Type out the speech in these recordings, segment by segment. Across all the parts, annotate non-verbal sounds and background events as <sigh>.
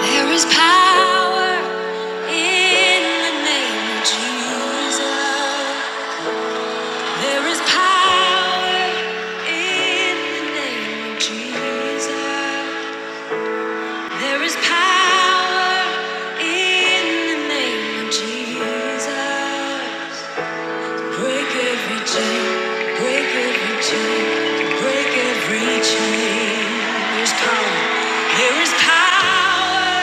There is power in the name of Jesus. There is power in the name of Jesus. There is power in the name of Jesus. Break every chain, break every chain, break every chain. There's power, there is power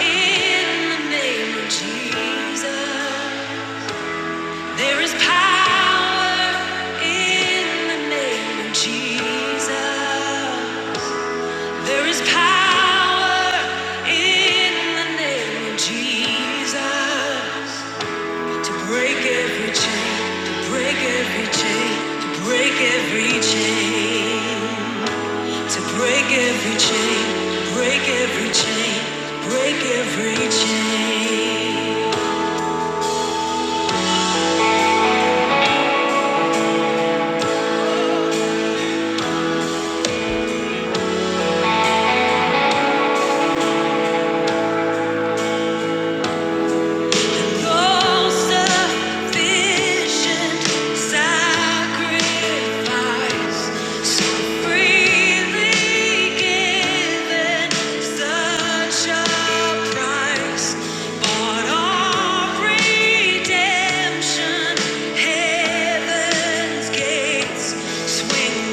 in the name of Jesus. There is power in the name of Jesus. There is power in the name of Jesus. To break every chain, to break every chain, to break every chain, to break every chain, break every chain, break every chain. Swing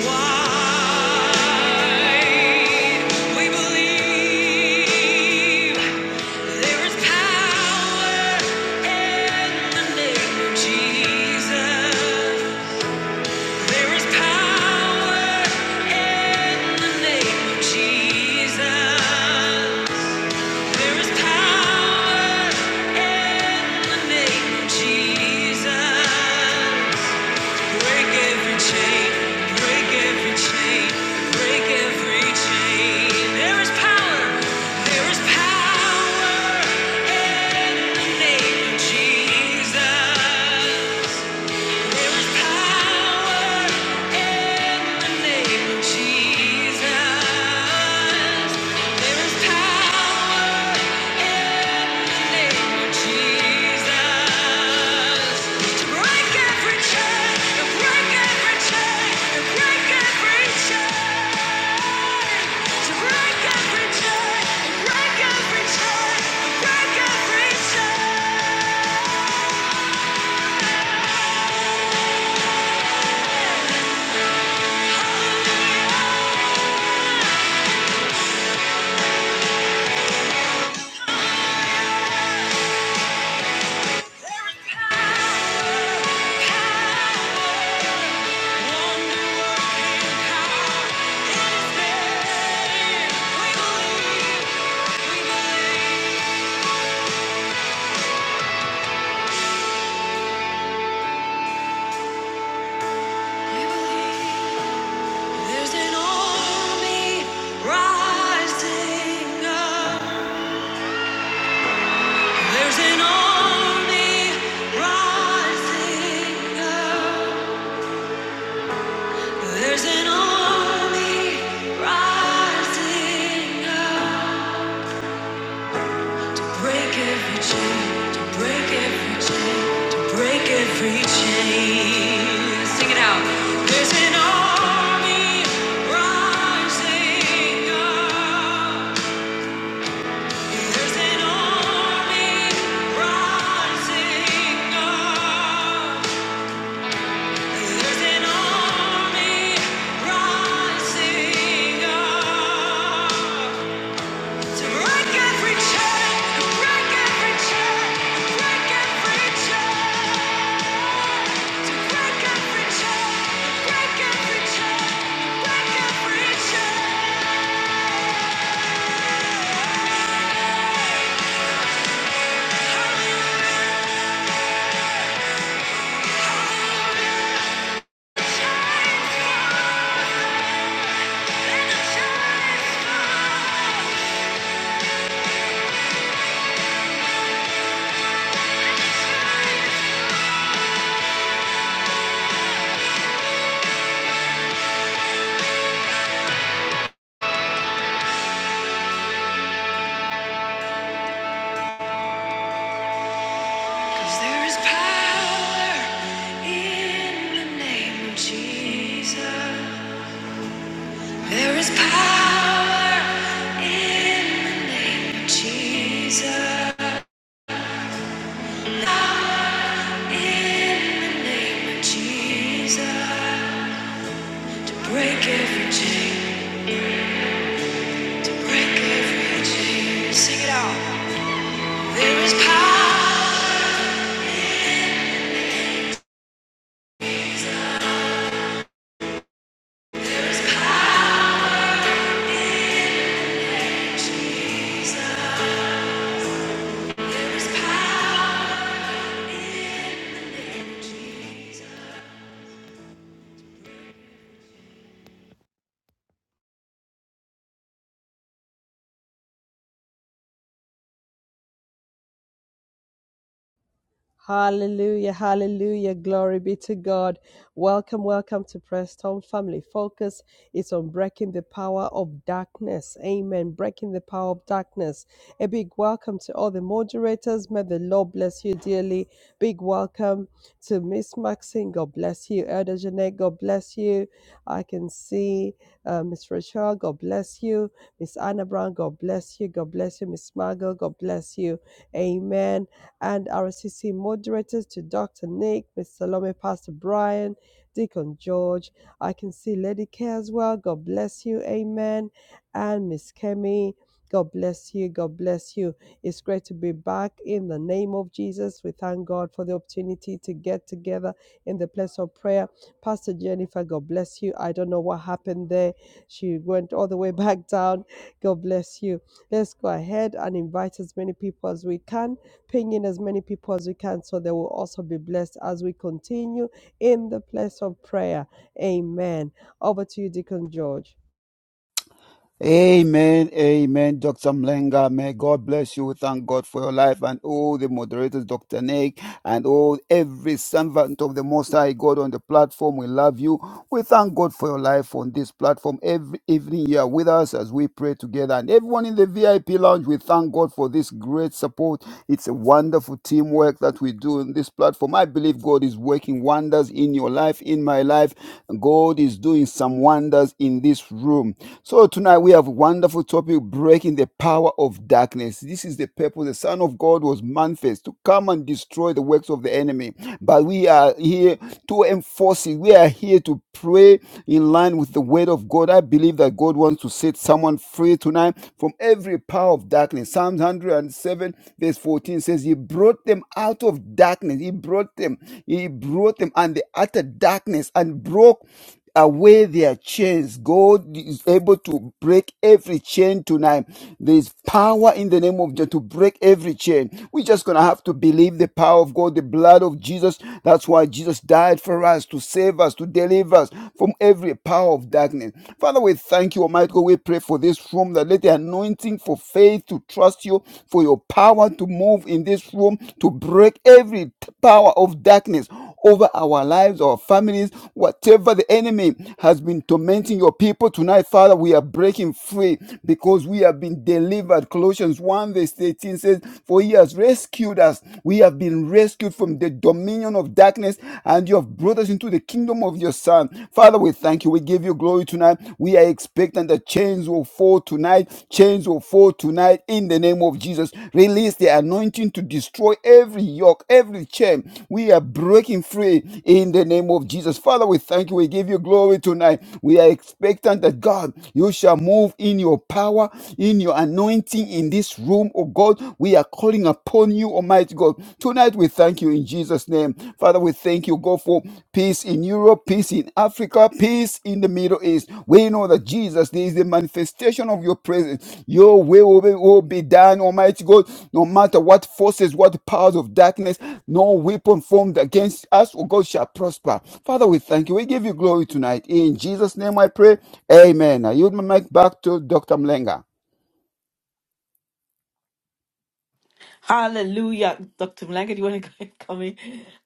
wide. We believe. There is power in the name of Jesus. There is power in the name of Jesus. There is power in the name of Jesus. Break every chain, break every chain, break every chain. There is power, there is power. name, Jesus. There is power in the name, Jesus. There is power in the name, Jesus. To break every chain, to break every chain, to break every chain. To break every chain, to break every chain, to break every chain. There's an army rising up. There's an army rising up. There's an army rising up. Break every chain, to break every chain, to break every chain. Sing it out. There's an army rising up. There's an army rising up. There's an army rising up. To break every chain, to break every chain, to break every chain. There is power in the name of Jesus. There is power in the name of Jesus. Power in the name of Jesus. Break every chain, break every chain. Sing it out. There is power. Hallelujah, hallelujah, glory be to God. Welcome, welcome to Preston Family Focus. is on breaking the power of darkness. Amen. Breaking the power of darkness. A big welcome to all the moderators. May the Lord bless you dearly. Big welcome to Miss Maxine. God bless you. Elder Jeanette, God bless you. I can see uh, Miss Rachel, God bless you. Miss Anna Brown, God bless you. God bless you. Miss Margot, God bless you. Amen and RSCC moderators to Dr. Nick, Miss Salome, Pastor Brian, Deacon George. I can see Lady K as well. God bless you. Amen. And Miss Kemi. God bless you. God bless you. It's great to be back in the name of Jesus. We thank God for the opportunity to get together in the place of prayer. Pastor Jennifer, God bless you. I don't know what happened there. She went all the way <laughs> back down. God bless you. Let's go ahead and invite as many people as we can ping in as many people as we can so they will also be blessed as we continue in the place of prayer. Amen. Over to you, Deacon George. Amen, amen, Dr. Mlenga. May God bless you. We Thank God for your life and all the moderators, Dr. Nick, and all every servant of the Most High God on the platform. We love you. We thank God for your life on this platform. Every evening you are with us as we pray together. And everyone in the VIP lounge, we thank God for this great support. It's a wonderful teamwork that we do in this platform. I believe God is working wonders in your life in my life. God is doing some wonders in this room. So tonight we have a wonderful topic breaking the power of darkness. This is the purpose. The Son of God was manifest to come and destroy the works of the enemy. But we are here to enforce it. We are here to pray in line with the word of God. I believe that God wants to set someone free tonight from every power of darkness. Psalms 107, verse 14 says, "He brought them out of darkness. He brought them. He brought them and the utter darkness and broke away their chains. God is able to break every chain tonight. There is power in the name of Jesus to break every chain. We're just going to have to believe the power of God, the blood of Jesus. That's why Jesus died for us, to save us, to deliver us from every power of darkness. Father, we thank you, Almighty God. We pray for this this room. That let the anointing for faith to trust you, for your power to move in this room, to break every t- power of darkness over our lives, our families, whatever the enemy has been tormenting your people tonight, Father, we are breaking free because we have been delivered. Colossians 1 verse eighteen says, For he has rescued us. We have been rescued from the dominion of darkness, and you have brought us into the kingdom of your of your son. Father, we thank you. We give you glory tonight. We are expecting that chains will fall tonight. Chains will fall tonight in the name of Jesus. Release the anointing to destroy every yoke, every chain. We are breaking free in the name of Jesus. Father, we thank you. We give you glory tonight. We are expecting that God, you shall move in your power, in your anointing in this room, oh God. We are calling upon you, Almighty God. God. Tonight we thank you in Jesus' name. Father, we thank you, God, for peace in Europe, peace in Africa, peace in the Middle East. We know that Jesus there is the manifestation of your presence. Your will will be, will be done, Almighty God, no matter what forces, what powers of darkness, no weapon formed against us, oh God, shall prosper. Father, we thank you. We give you glory tonight. In Jesus' name I pray. Amen. I yield my mic back to Dr. Mlenga. Hallelujah. Dr. Mulenga. do you want to <laughs> come in?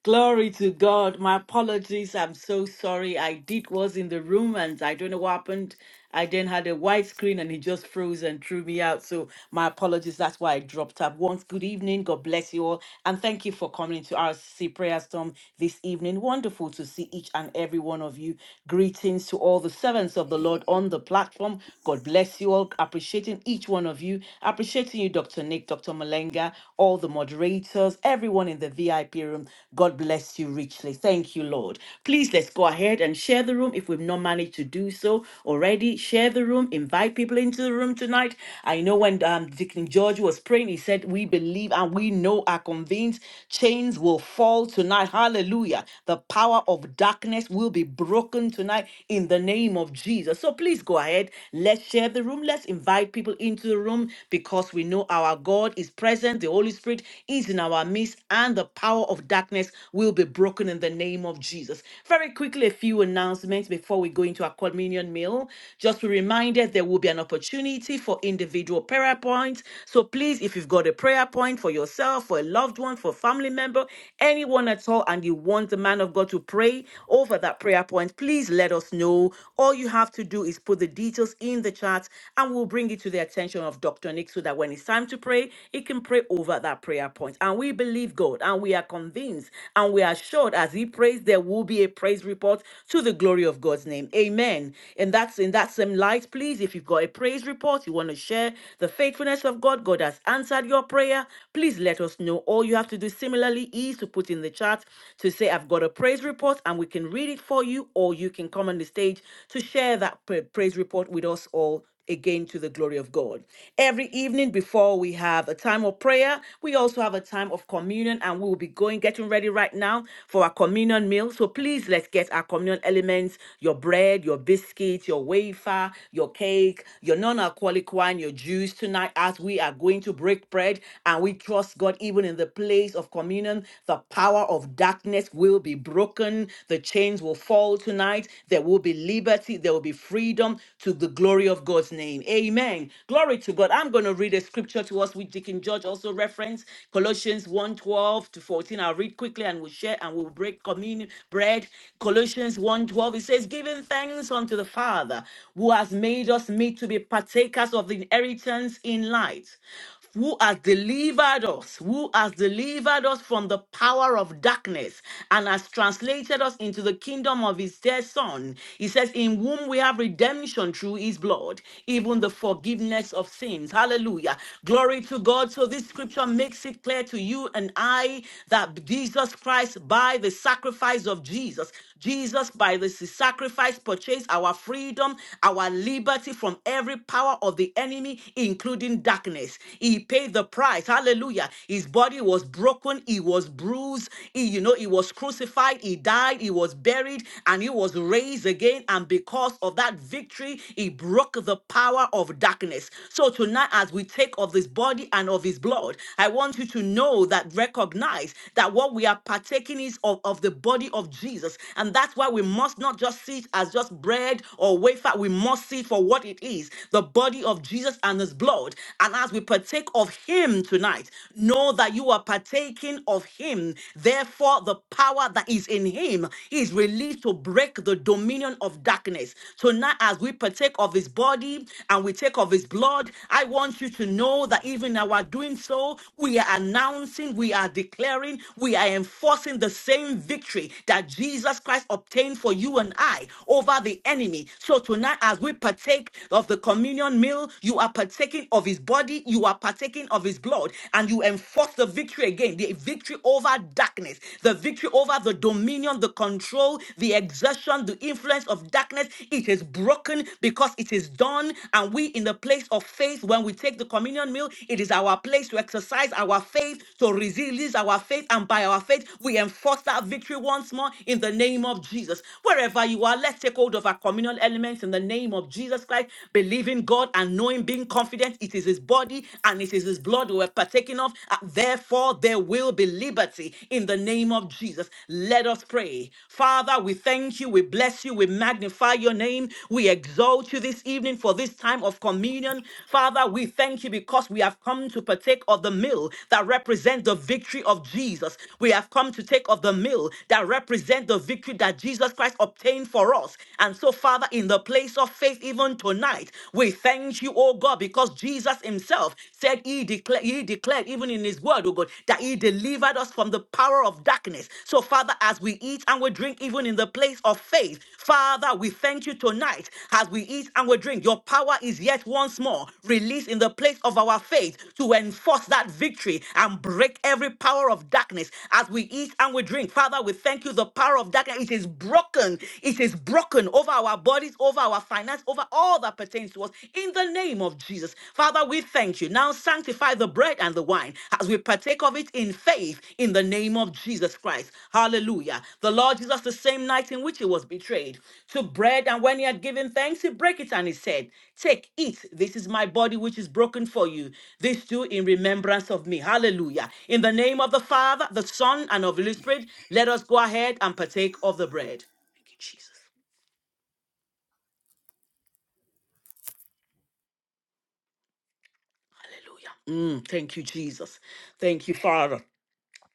Glory to God. My apologies. I'm so sorry. I did was in the room and I don't know what happened. I then had a white screen and it just froze and threw me out. So my apologies. That's why I dropped up. Once good evening. God bless you all. And thank you for coming to our R C C Prayer Storm this evening. Wonderful to see each and every one of you. Greetings to all the servants of the Lord on the platform. God bless you all. Appreciating each one of you. Appreciating you, Dr. Nick, Dr. Malenga, all the moderators, everyone in the VIP room. God bless you richly. Thank you, Lord. Please let's go ahead and share the room if we've not managed to do so already already. Share the room, invite people into the room tonight. I know when um, Deacon George was praying, he said, We believe and we know are convinced chains will fall tonight. Hallelujah. The power of darkness will be broken tonight in the name of Jesus. So please go ahead. Let's share the room. Let's invite people into the room because we know our God is present. The Holy Spirit is in our midst, and the power of darkness will be broken in the name of Jesus. Very quickly, a few announcements before we go into our communion meal. Just be reminded there will be an opportunity for individual prayer points. So please, if you've got a prayer point for yourself, for a loved one, for a family member, anyone at all, and you want the man of God to pray over that prayer point, please let us know. All you have to do is put the details in the chat and we'll bring it to the attention of Dr. Nick so that when it's time to pray, he can pray over that prayer point. And we believe God and we are convinced and we are assured as he prays, there will be a praise report to the glory of God's name. Amen. And that's that's in that same light, please. If you've got a praise report, you want to share the faithfulness of God, God has answered your prayer, please let us know. All you have to do similarly is to put in the chat to say, I've got a praise report, and we can read it for you, or you can come on the stage to share that pra- praise report with us all again to the glory of God. Every evening before we have a time of prayer, we also have a time of communion and we will be going getting ready right now for our communion meal. So please let's get our communion elements, your bread, your biscuits, your wafer, your cake, your non-alcoholic wine, your juice tonight as we are going to break bread and we trust God even in the place of communion, the power of darkness will be broken, the chains will fall tonight, there will be liberty, there will be will be freedom to the glory of God's name. Amen. Glory to God. I'm going to read a scripture to us which Deacon George also referenced Colossians one twelve to 14. I'll read quickly and we'll share and we'll break communion bread. Colossians one twelve. it says, Giving thanks unto the Father who has made us meet to be partakers of the inheritance in light who has delivered us, who has delivered us from the power of darkness and has translated us into the kingdom of his dear son. He says, In whom we have redemption through his blood, even the forgiveness of sins. Hallelujah. Glory to God. So this scripture makes it clear to you and I that Jesus Christ, by the sacrifice of Jesus, Jesus, by the sacrifice, purchased our freedom, our liberty from every power of the enemy, including holding darkness. He paid the price. Hallelujah. His body was broken. He was bruised. He, you know, he was crucified. He died. He was buried and he was raised again. And because of that victory, he broke the power of darkness. So tonight, as we take of his body and of his blood, I want you to know that recognize that what we are partaking is of, of the body of Jesus. And that's why we must not just see it as just bread or wafer. We must see it for what it is the body of Jesus Jesus and his blood. And as we partake of him tonight, know that you are partaking of him. Therefore, the power that is in him is released to break the dominion of darkness. Tonight, as we partake of his body and we take of his blood, I want you to know that even in our doing so, we are announcing, we are declaring, we are enforcing the same victory that Jesus Christ obtained for you and I over the enemy. So tonight, as we partake of the communion, communion meal, you are partaking of his body, you are partaking of his blood, and you enforce the victory again the victory over darkness, the victory over the dominion, the control, the exertion, the influence of darkness. It is broken because it is done. And we, in the place of faith, when we take the communion meal, it is our place to exercise our faith, to release our faith, and by our faith, we enforce that victory once more in the name of Jesus. Wherever you are, let's take hold of our communal elements in the name of Jesus life, believing God and knowing, being confident it is his body and it is his blood we're partaking of. Uh, Therefore, there will be liberty in the name of Jesus. Let us pray. Father, we thank you, we bless you, we magnify your name, we exalt you this evening for this time of communion. Father, we thank you because we have come to partake of the meal that represents the victory of Jesus. We have come to take of the meal that represents the victory that Jesus Christ obtained for us. And so, Father, in the place face of faith even tonight. We thank you, oh God, because Jesus himself said he, declared, he declared even in his word, oh God, that he delivered us from the power of darkness. So, Father, as we eat and we drink even in the place of faith, Father, we thank you tonight as we eat and we drink. Your power is yet once more released in the place of our faith to enforce that victory and break every power of darkness as we eat and we drink. Father, we thank you. The power of darkness, it is broken. It is broken over our our bodies, over our finance, over all that pertains to us in the name of Jesus. Father, we thank you. Now sanctify the bread and the wine as we partake of it in faith in the name of Jesus Christ. Hallelujah. The Lord Jesus, the same night in which he was betrayed, took bread and when he had given thanks, he broke it and he said, Take, eat. This is my body which is broken for you. This do in remembrance of me. Hallelujah. In the name of the Father, the Son, and of the Holy Spirit, let us go ahead and partake of the bread. Thank you, Jesus. Hallelujah. Mm, thank you, Jesus. Thank you, Father.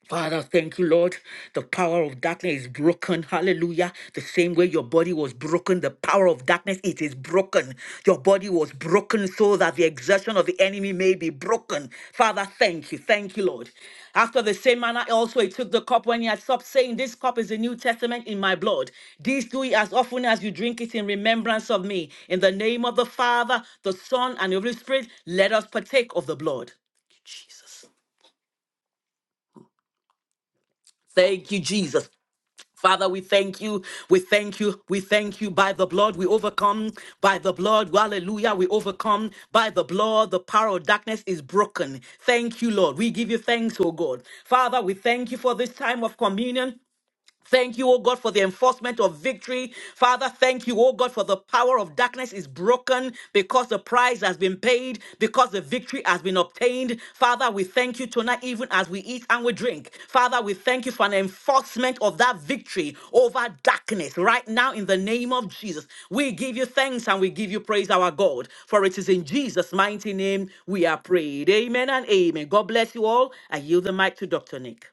Father, thank you, Lord. The power of darkness is broken. Hallelujah. The same way your body was broken, the power of darkness, it is broken. Your body was broken so that the exertion of the enemy may be broken. Father, thank you. Thank you, Lord. After the same manner, also he took the cup when he had stopped saying, This cup is the New Testament in my blood. This do ye as often as you drink it in remembrance of me. In the name of the Father, the Son, and the Holy Spirit, let us partake of the blood. Jesus. Thank you, Jesus. Father, we thank you. We thank you. We thank you. By the blood, we overcome. By the blood, hallelujah, we overcome. By the blood, the power of darkness is broken. Thank you, Lord. We give you thanks, oh God. Father, we thank you for this time of communion. Thank you, O God, for the enforcement of victory. Father, thank you, O God, for the power of darkness is broken because the price has been paid, because the victory has been obtained. Father, we thank you tonight, even as we eat and we drink. Father, we thank you for an enforcement of that victory over darkness right now in the name of Jesus. We give you thanks and we give you praise, our God, for it is in Jesus' mighty name we are prayed. Amen and amen. God bless you all. I yield the mic to Dr. Nick.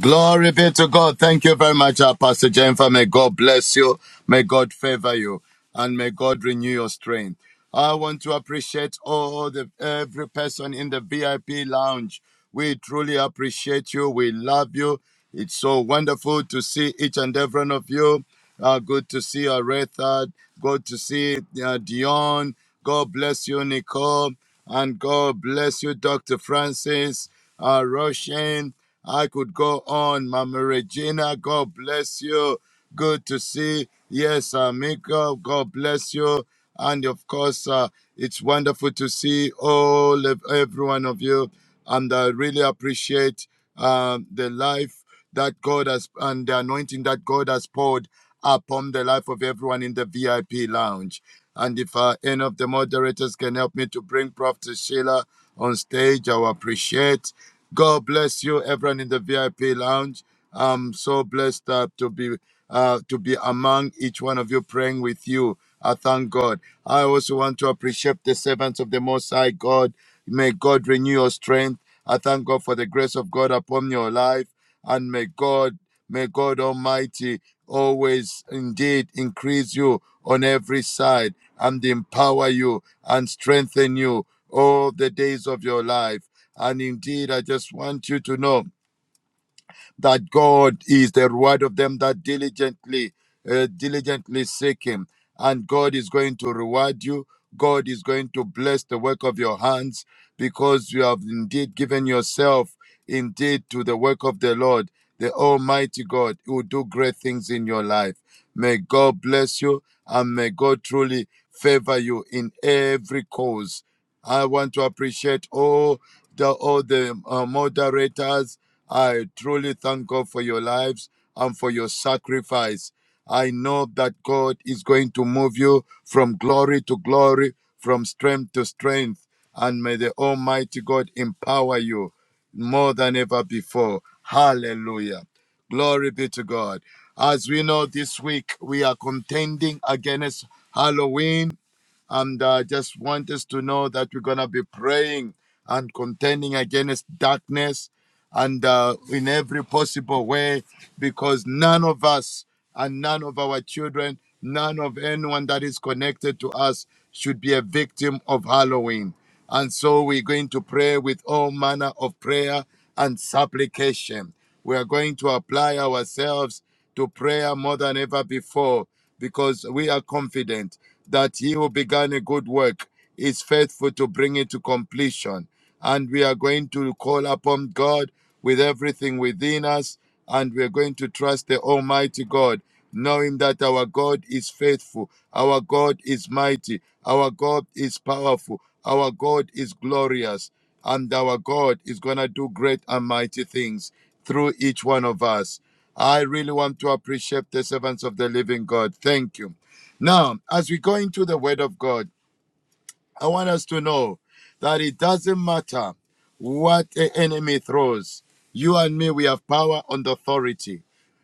Glory be to God. Thank you very much, uh, Pastor Jennifer. May God bless you. May God favor you. And may God renew your strength. I want to appreciate all the every person in the VIP lounge. We truly appreciate you. We love you. It's so wonderful to see each and every one of you. Uh, good to see Aretha. Good to see uh, Dion. God bless you, Nicole. And God bless you, Dr. Francis uh, Roshan. I could go on. Mama Regina, God bless you. Good to see. Yes, Amico, God bless you. And of course, uh, it's wonderful to see all of every one of you. And I really appreciate um, the life that God has and the anointing that God has poured upon the life of everyone in the VIP lounge. And if uh, any of the moderators can help me to bring Prophet Sheila on stage, I will appreciate. God bless you, everyone in the VIP lounge. I'm so blessed uh, to be uh, to be among each one of you, praying with you. I thank God. I also want to appreciate the servants of the Most High God. May God renew your strength. I thank God for the grace of God upon your life. And may God, may God Almighty always indeed increase you on every side and empower you and strengthen you all the days of your life. And indeed, I just want you to know that God is the reward of them that diligently, uh, diligently seek Him. And God is going to reward you. God is going to bless the work of your hands because you have indeed given yourself indeed to the work of the Lord, the Almighty God, who will do great things in your life. May God bless you and may God truly favor you in every cause I want to appreciate all the all the uh, moderators. I truly thank God for your lives and for your sacrifice. I know that God is going to move you from glory to glory, from strength to strength, and may the Almighty God empower you more than ever before. Hallelujah. Glory be to God. As we know, this week we are contending against Halloween and I uh, just want us to know that we're going to be praying and contending against darkness and uh, in every possible way because none of us and none of our children, none of anyone that is connected to us should be a victim of Halloween. And so we're going to pray with all manner of prayer and supplication. We are going to apply ourselves to prayer more than ever before because we are confident that He who began a good work is faithful to bring it to completion. And we are going to call upon God with everything within us, and we are going to trust the Almighty God, knowing that our God is faithful, our God is mighty, our God is powerful, our God is glorious, and our God is going to do great and mighty things through each one of us. I really want to appreciate the servants of the living God. Thank you. Now, as we go into the Word of God, I want us to know that it doesn't matter what the enemy throws. You and me, we have power and authority.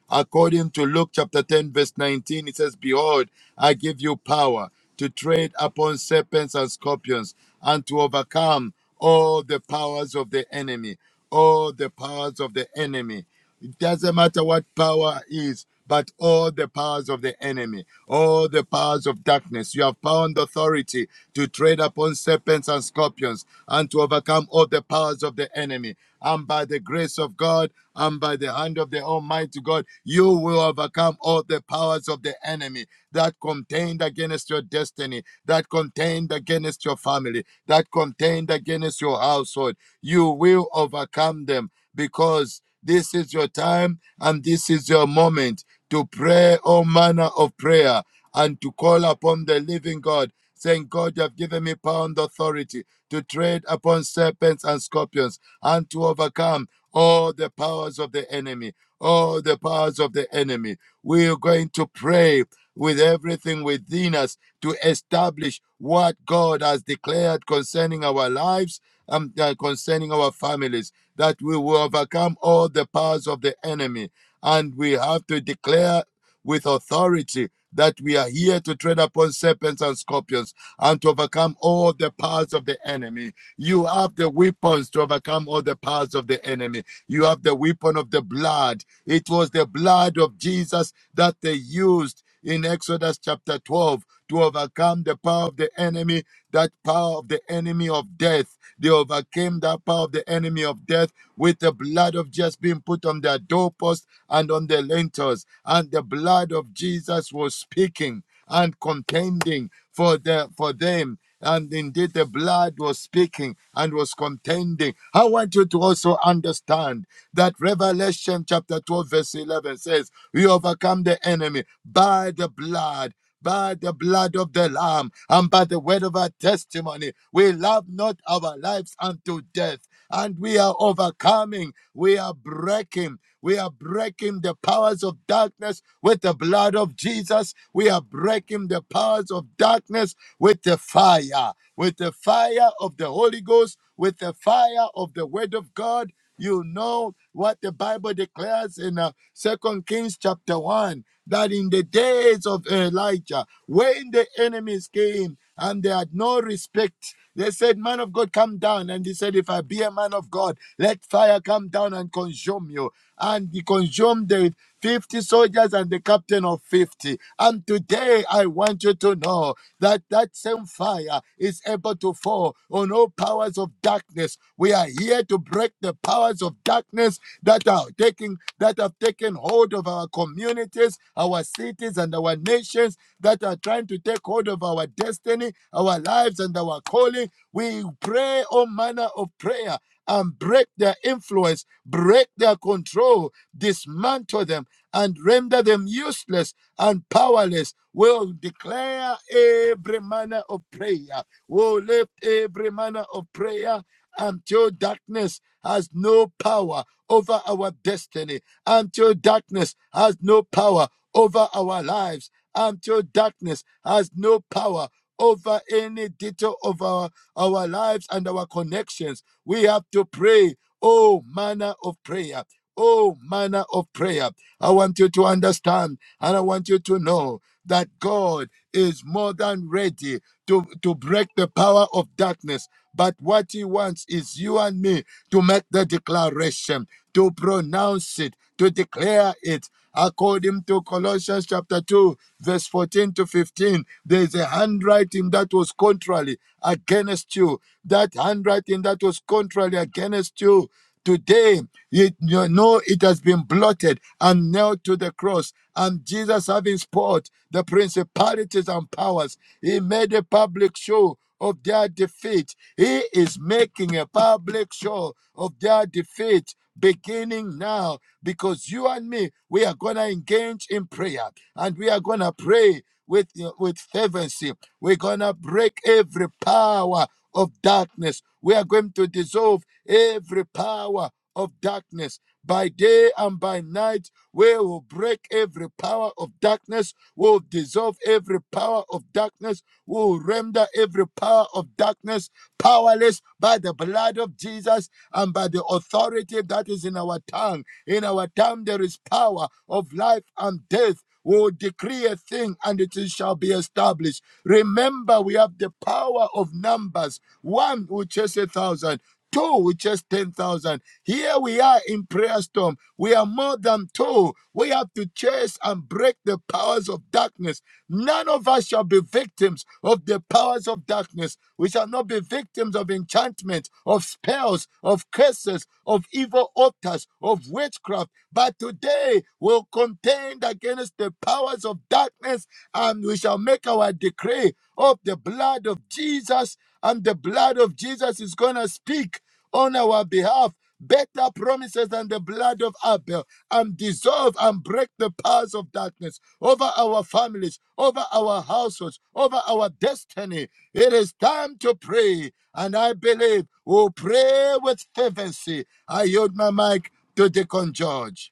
According to Luke chapter 10, verse 19, it says, Behold, I give you power to tread upon serpents and scorpions and to overcome all the powers of the enemy. All the powers of the enemy. It doesn't matter what power is, but all the powers of the enemy, all the powers of darkness. You have power and authority to tread upon serpents and scorpions and to overcome all the powers of the enemy. And by the grace of God and by the hand of the Almighty God, you will overcome all the powers of the enemy that contend against your destiny, that contend against your family, that contend against your household. You will overcome them because this is your time and this is your moment to pray all manner of prayer and to call upon the living God, saying, God, you have given me power and authority to tread upon serpents and scorpions and to overcome all the powers of the enemy. All the powers of the enemy. We are going to pray with everything within us to establish what God has declared concerning our lives and uh, concerning our families that we will overcome all the powers of the enemy. And we have to declare with authority that we are here to tread upon serpents and scorpions and to overcome all the powers of the enemy. You have the weapons to overcome all the powers of the enemy. You have the weapon of the blood. It was the blood of Jesus that they used in Exodus chapter 12 to overcome the power of the enemy, that power of the enemy of death. They overcame that power of the enemy of death with the blood of just being put on their doorpost and on their lintels. And the blood of Jesus was speaking and contending for the for them. And indeed, the blood was speaking and was contending. I want you to also understand that Revelation chapter 12, verse 11 says, We overcome the enemy by the blood by the blood of the Lamb and by the word of our testimony. We love not our lives unto death and we are overcoming. We are breaking. We are breaking the powers of darkness with the blood of Jesus. We are breaking the powers of darkness with the fire, with the fire of the Holy Ghost, with the fire of the Word of God. You know what the Bible declares in uh, 2 Kings chapter 1 that in the days of Elijah, when the enemies came and they had no respect they said, Man of God, come down. And he said, If I be a man of God, let fire come down and consume you. And he consumed the 50 soldiers and the captain of 50. And today I want you to know that that same fire is able to fall on all powers of darkness. We are here to break the powers of darkness that are taking that have taken hold of our community communities, our cities, and our nations that are trying to take hold of our destiny, our lives, and our calling. We pray all manner of prayer and break their influence, break their control, dismantle them, and render them useless and powerless. We'll declare every manner of prayer. We'll lift every manner of prayer until darkness has no power over our destiny until darkness has no power over our lives, until darkness has no power over any detail of our, our lives and our connections. We have to pray, oh manner of prayer. Oh, manner of prayer. I want you to understand and I want you to know that God is more than ready to, to break the power of darkness. But what he wants is you and me to make the declaration, to pronounce it, to declare it. According to Colossians chapter 2, verse 14 to 15, there is a handwriting that was contrary against you. That handwriting that was contrary against you Today, you know it has been blotted and nailed to the cross. And Jesus, having spoiled the principalities and powers, he made a public show of their defeat. He is making a public show of their defeat beginning now because you and me we are going to engage in prayer and we are going to pray with with fervency we're going to break every power of darkness we are going to dissolve every power of darkness by day and by night, we will break every power of darkness. We will dissolve every power of darkness. We will render every power of darkness powerless by the blood of Jesus and by the authority that is in our tongue. In our tongue, there is power of life and death. We will decree a thing and it shall be established. Remember, we have the power of numbers. One will chase a thousand, two with just 10,000. Here we are in prayer storm. We are more than two. We have to chase and break the powers of darkness. None of us shall be victims of the powers of darkness. We shall not be victims of enchantment, of spells, of curses, of evil altars, of witchcraft. But today we'll contend against the powers of darkness and we shall make our decree of the blood of Jesus and the blood of Jesus is going to speak on our behalf better promises than the blood of Abel and dissolve and break the powers of darkness over our families, over our households, over our destiny. It is time to pray, and I believe we'll pray with fervency. I yield my mic to Deacon George.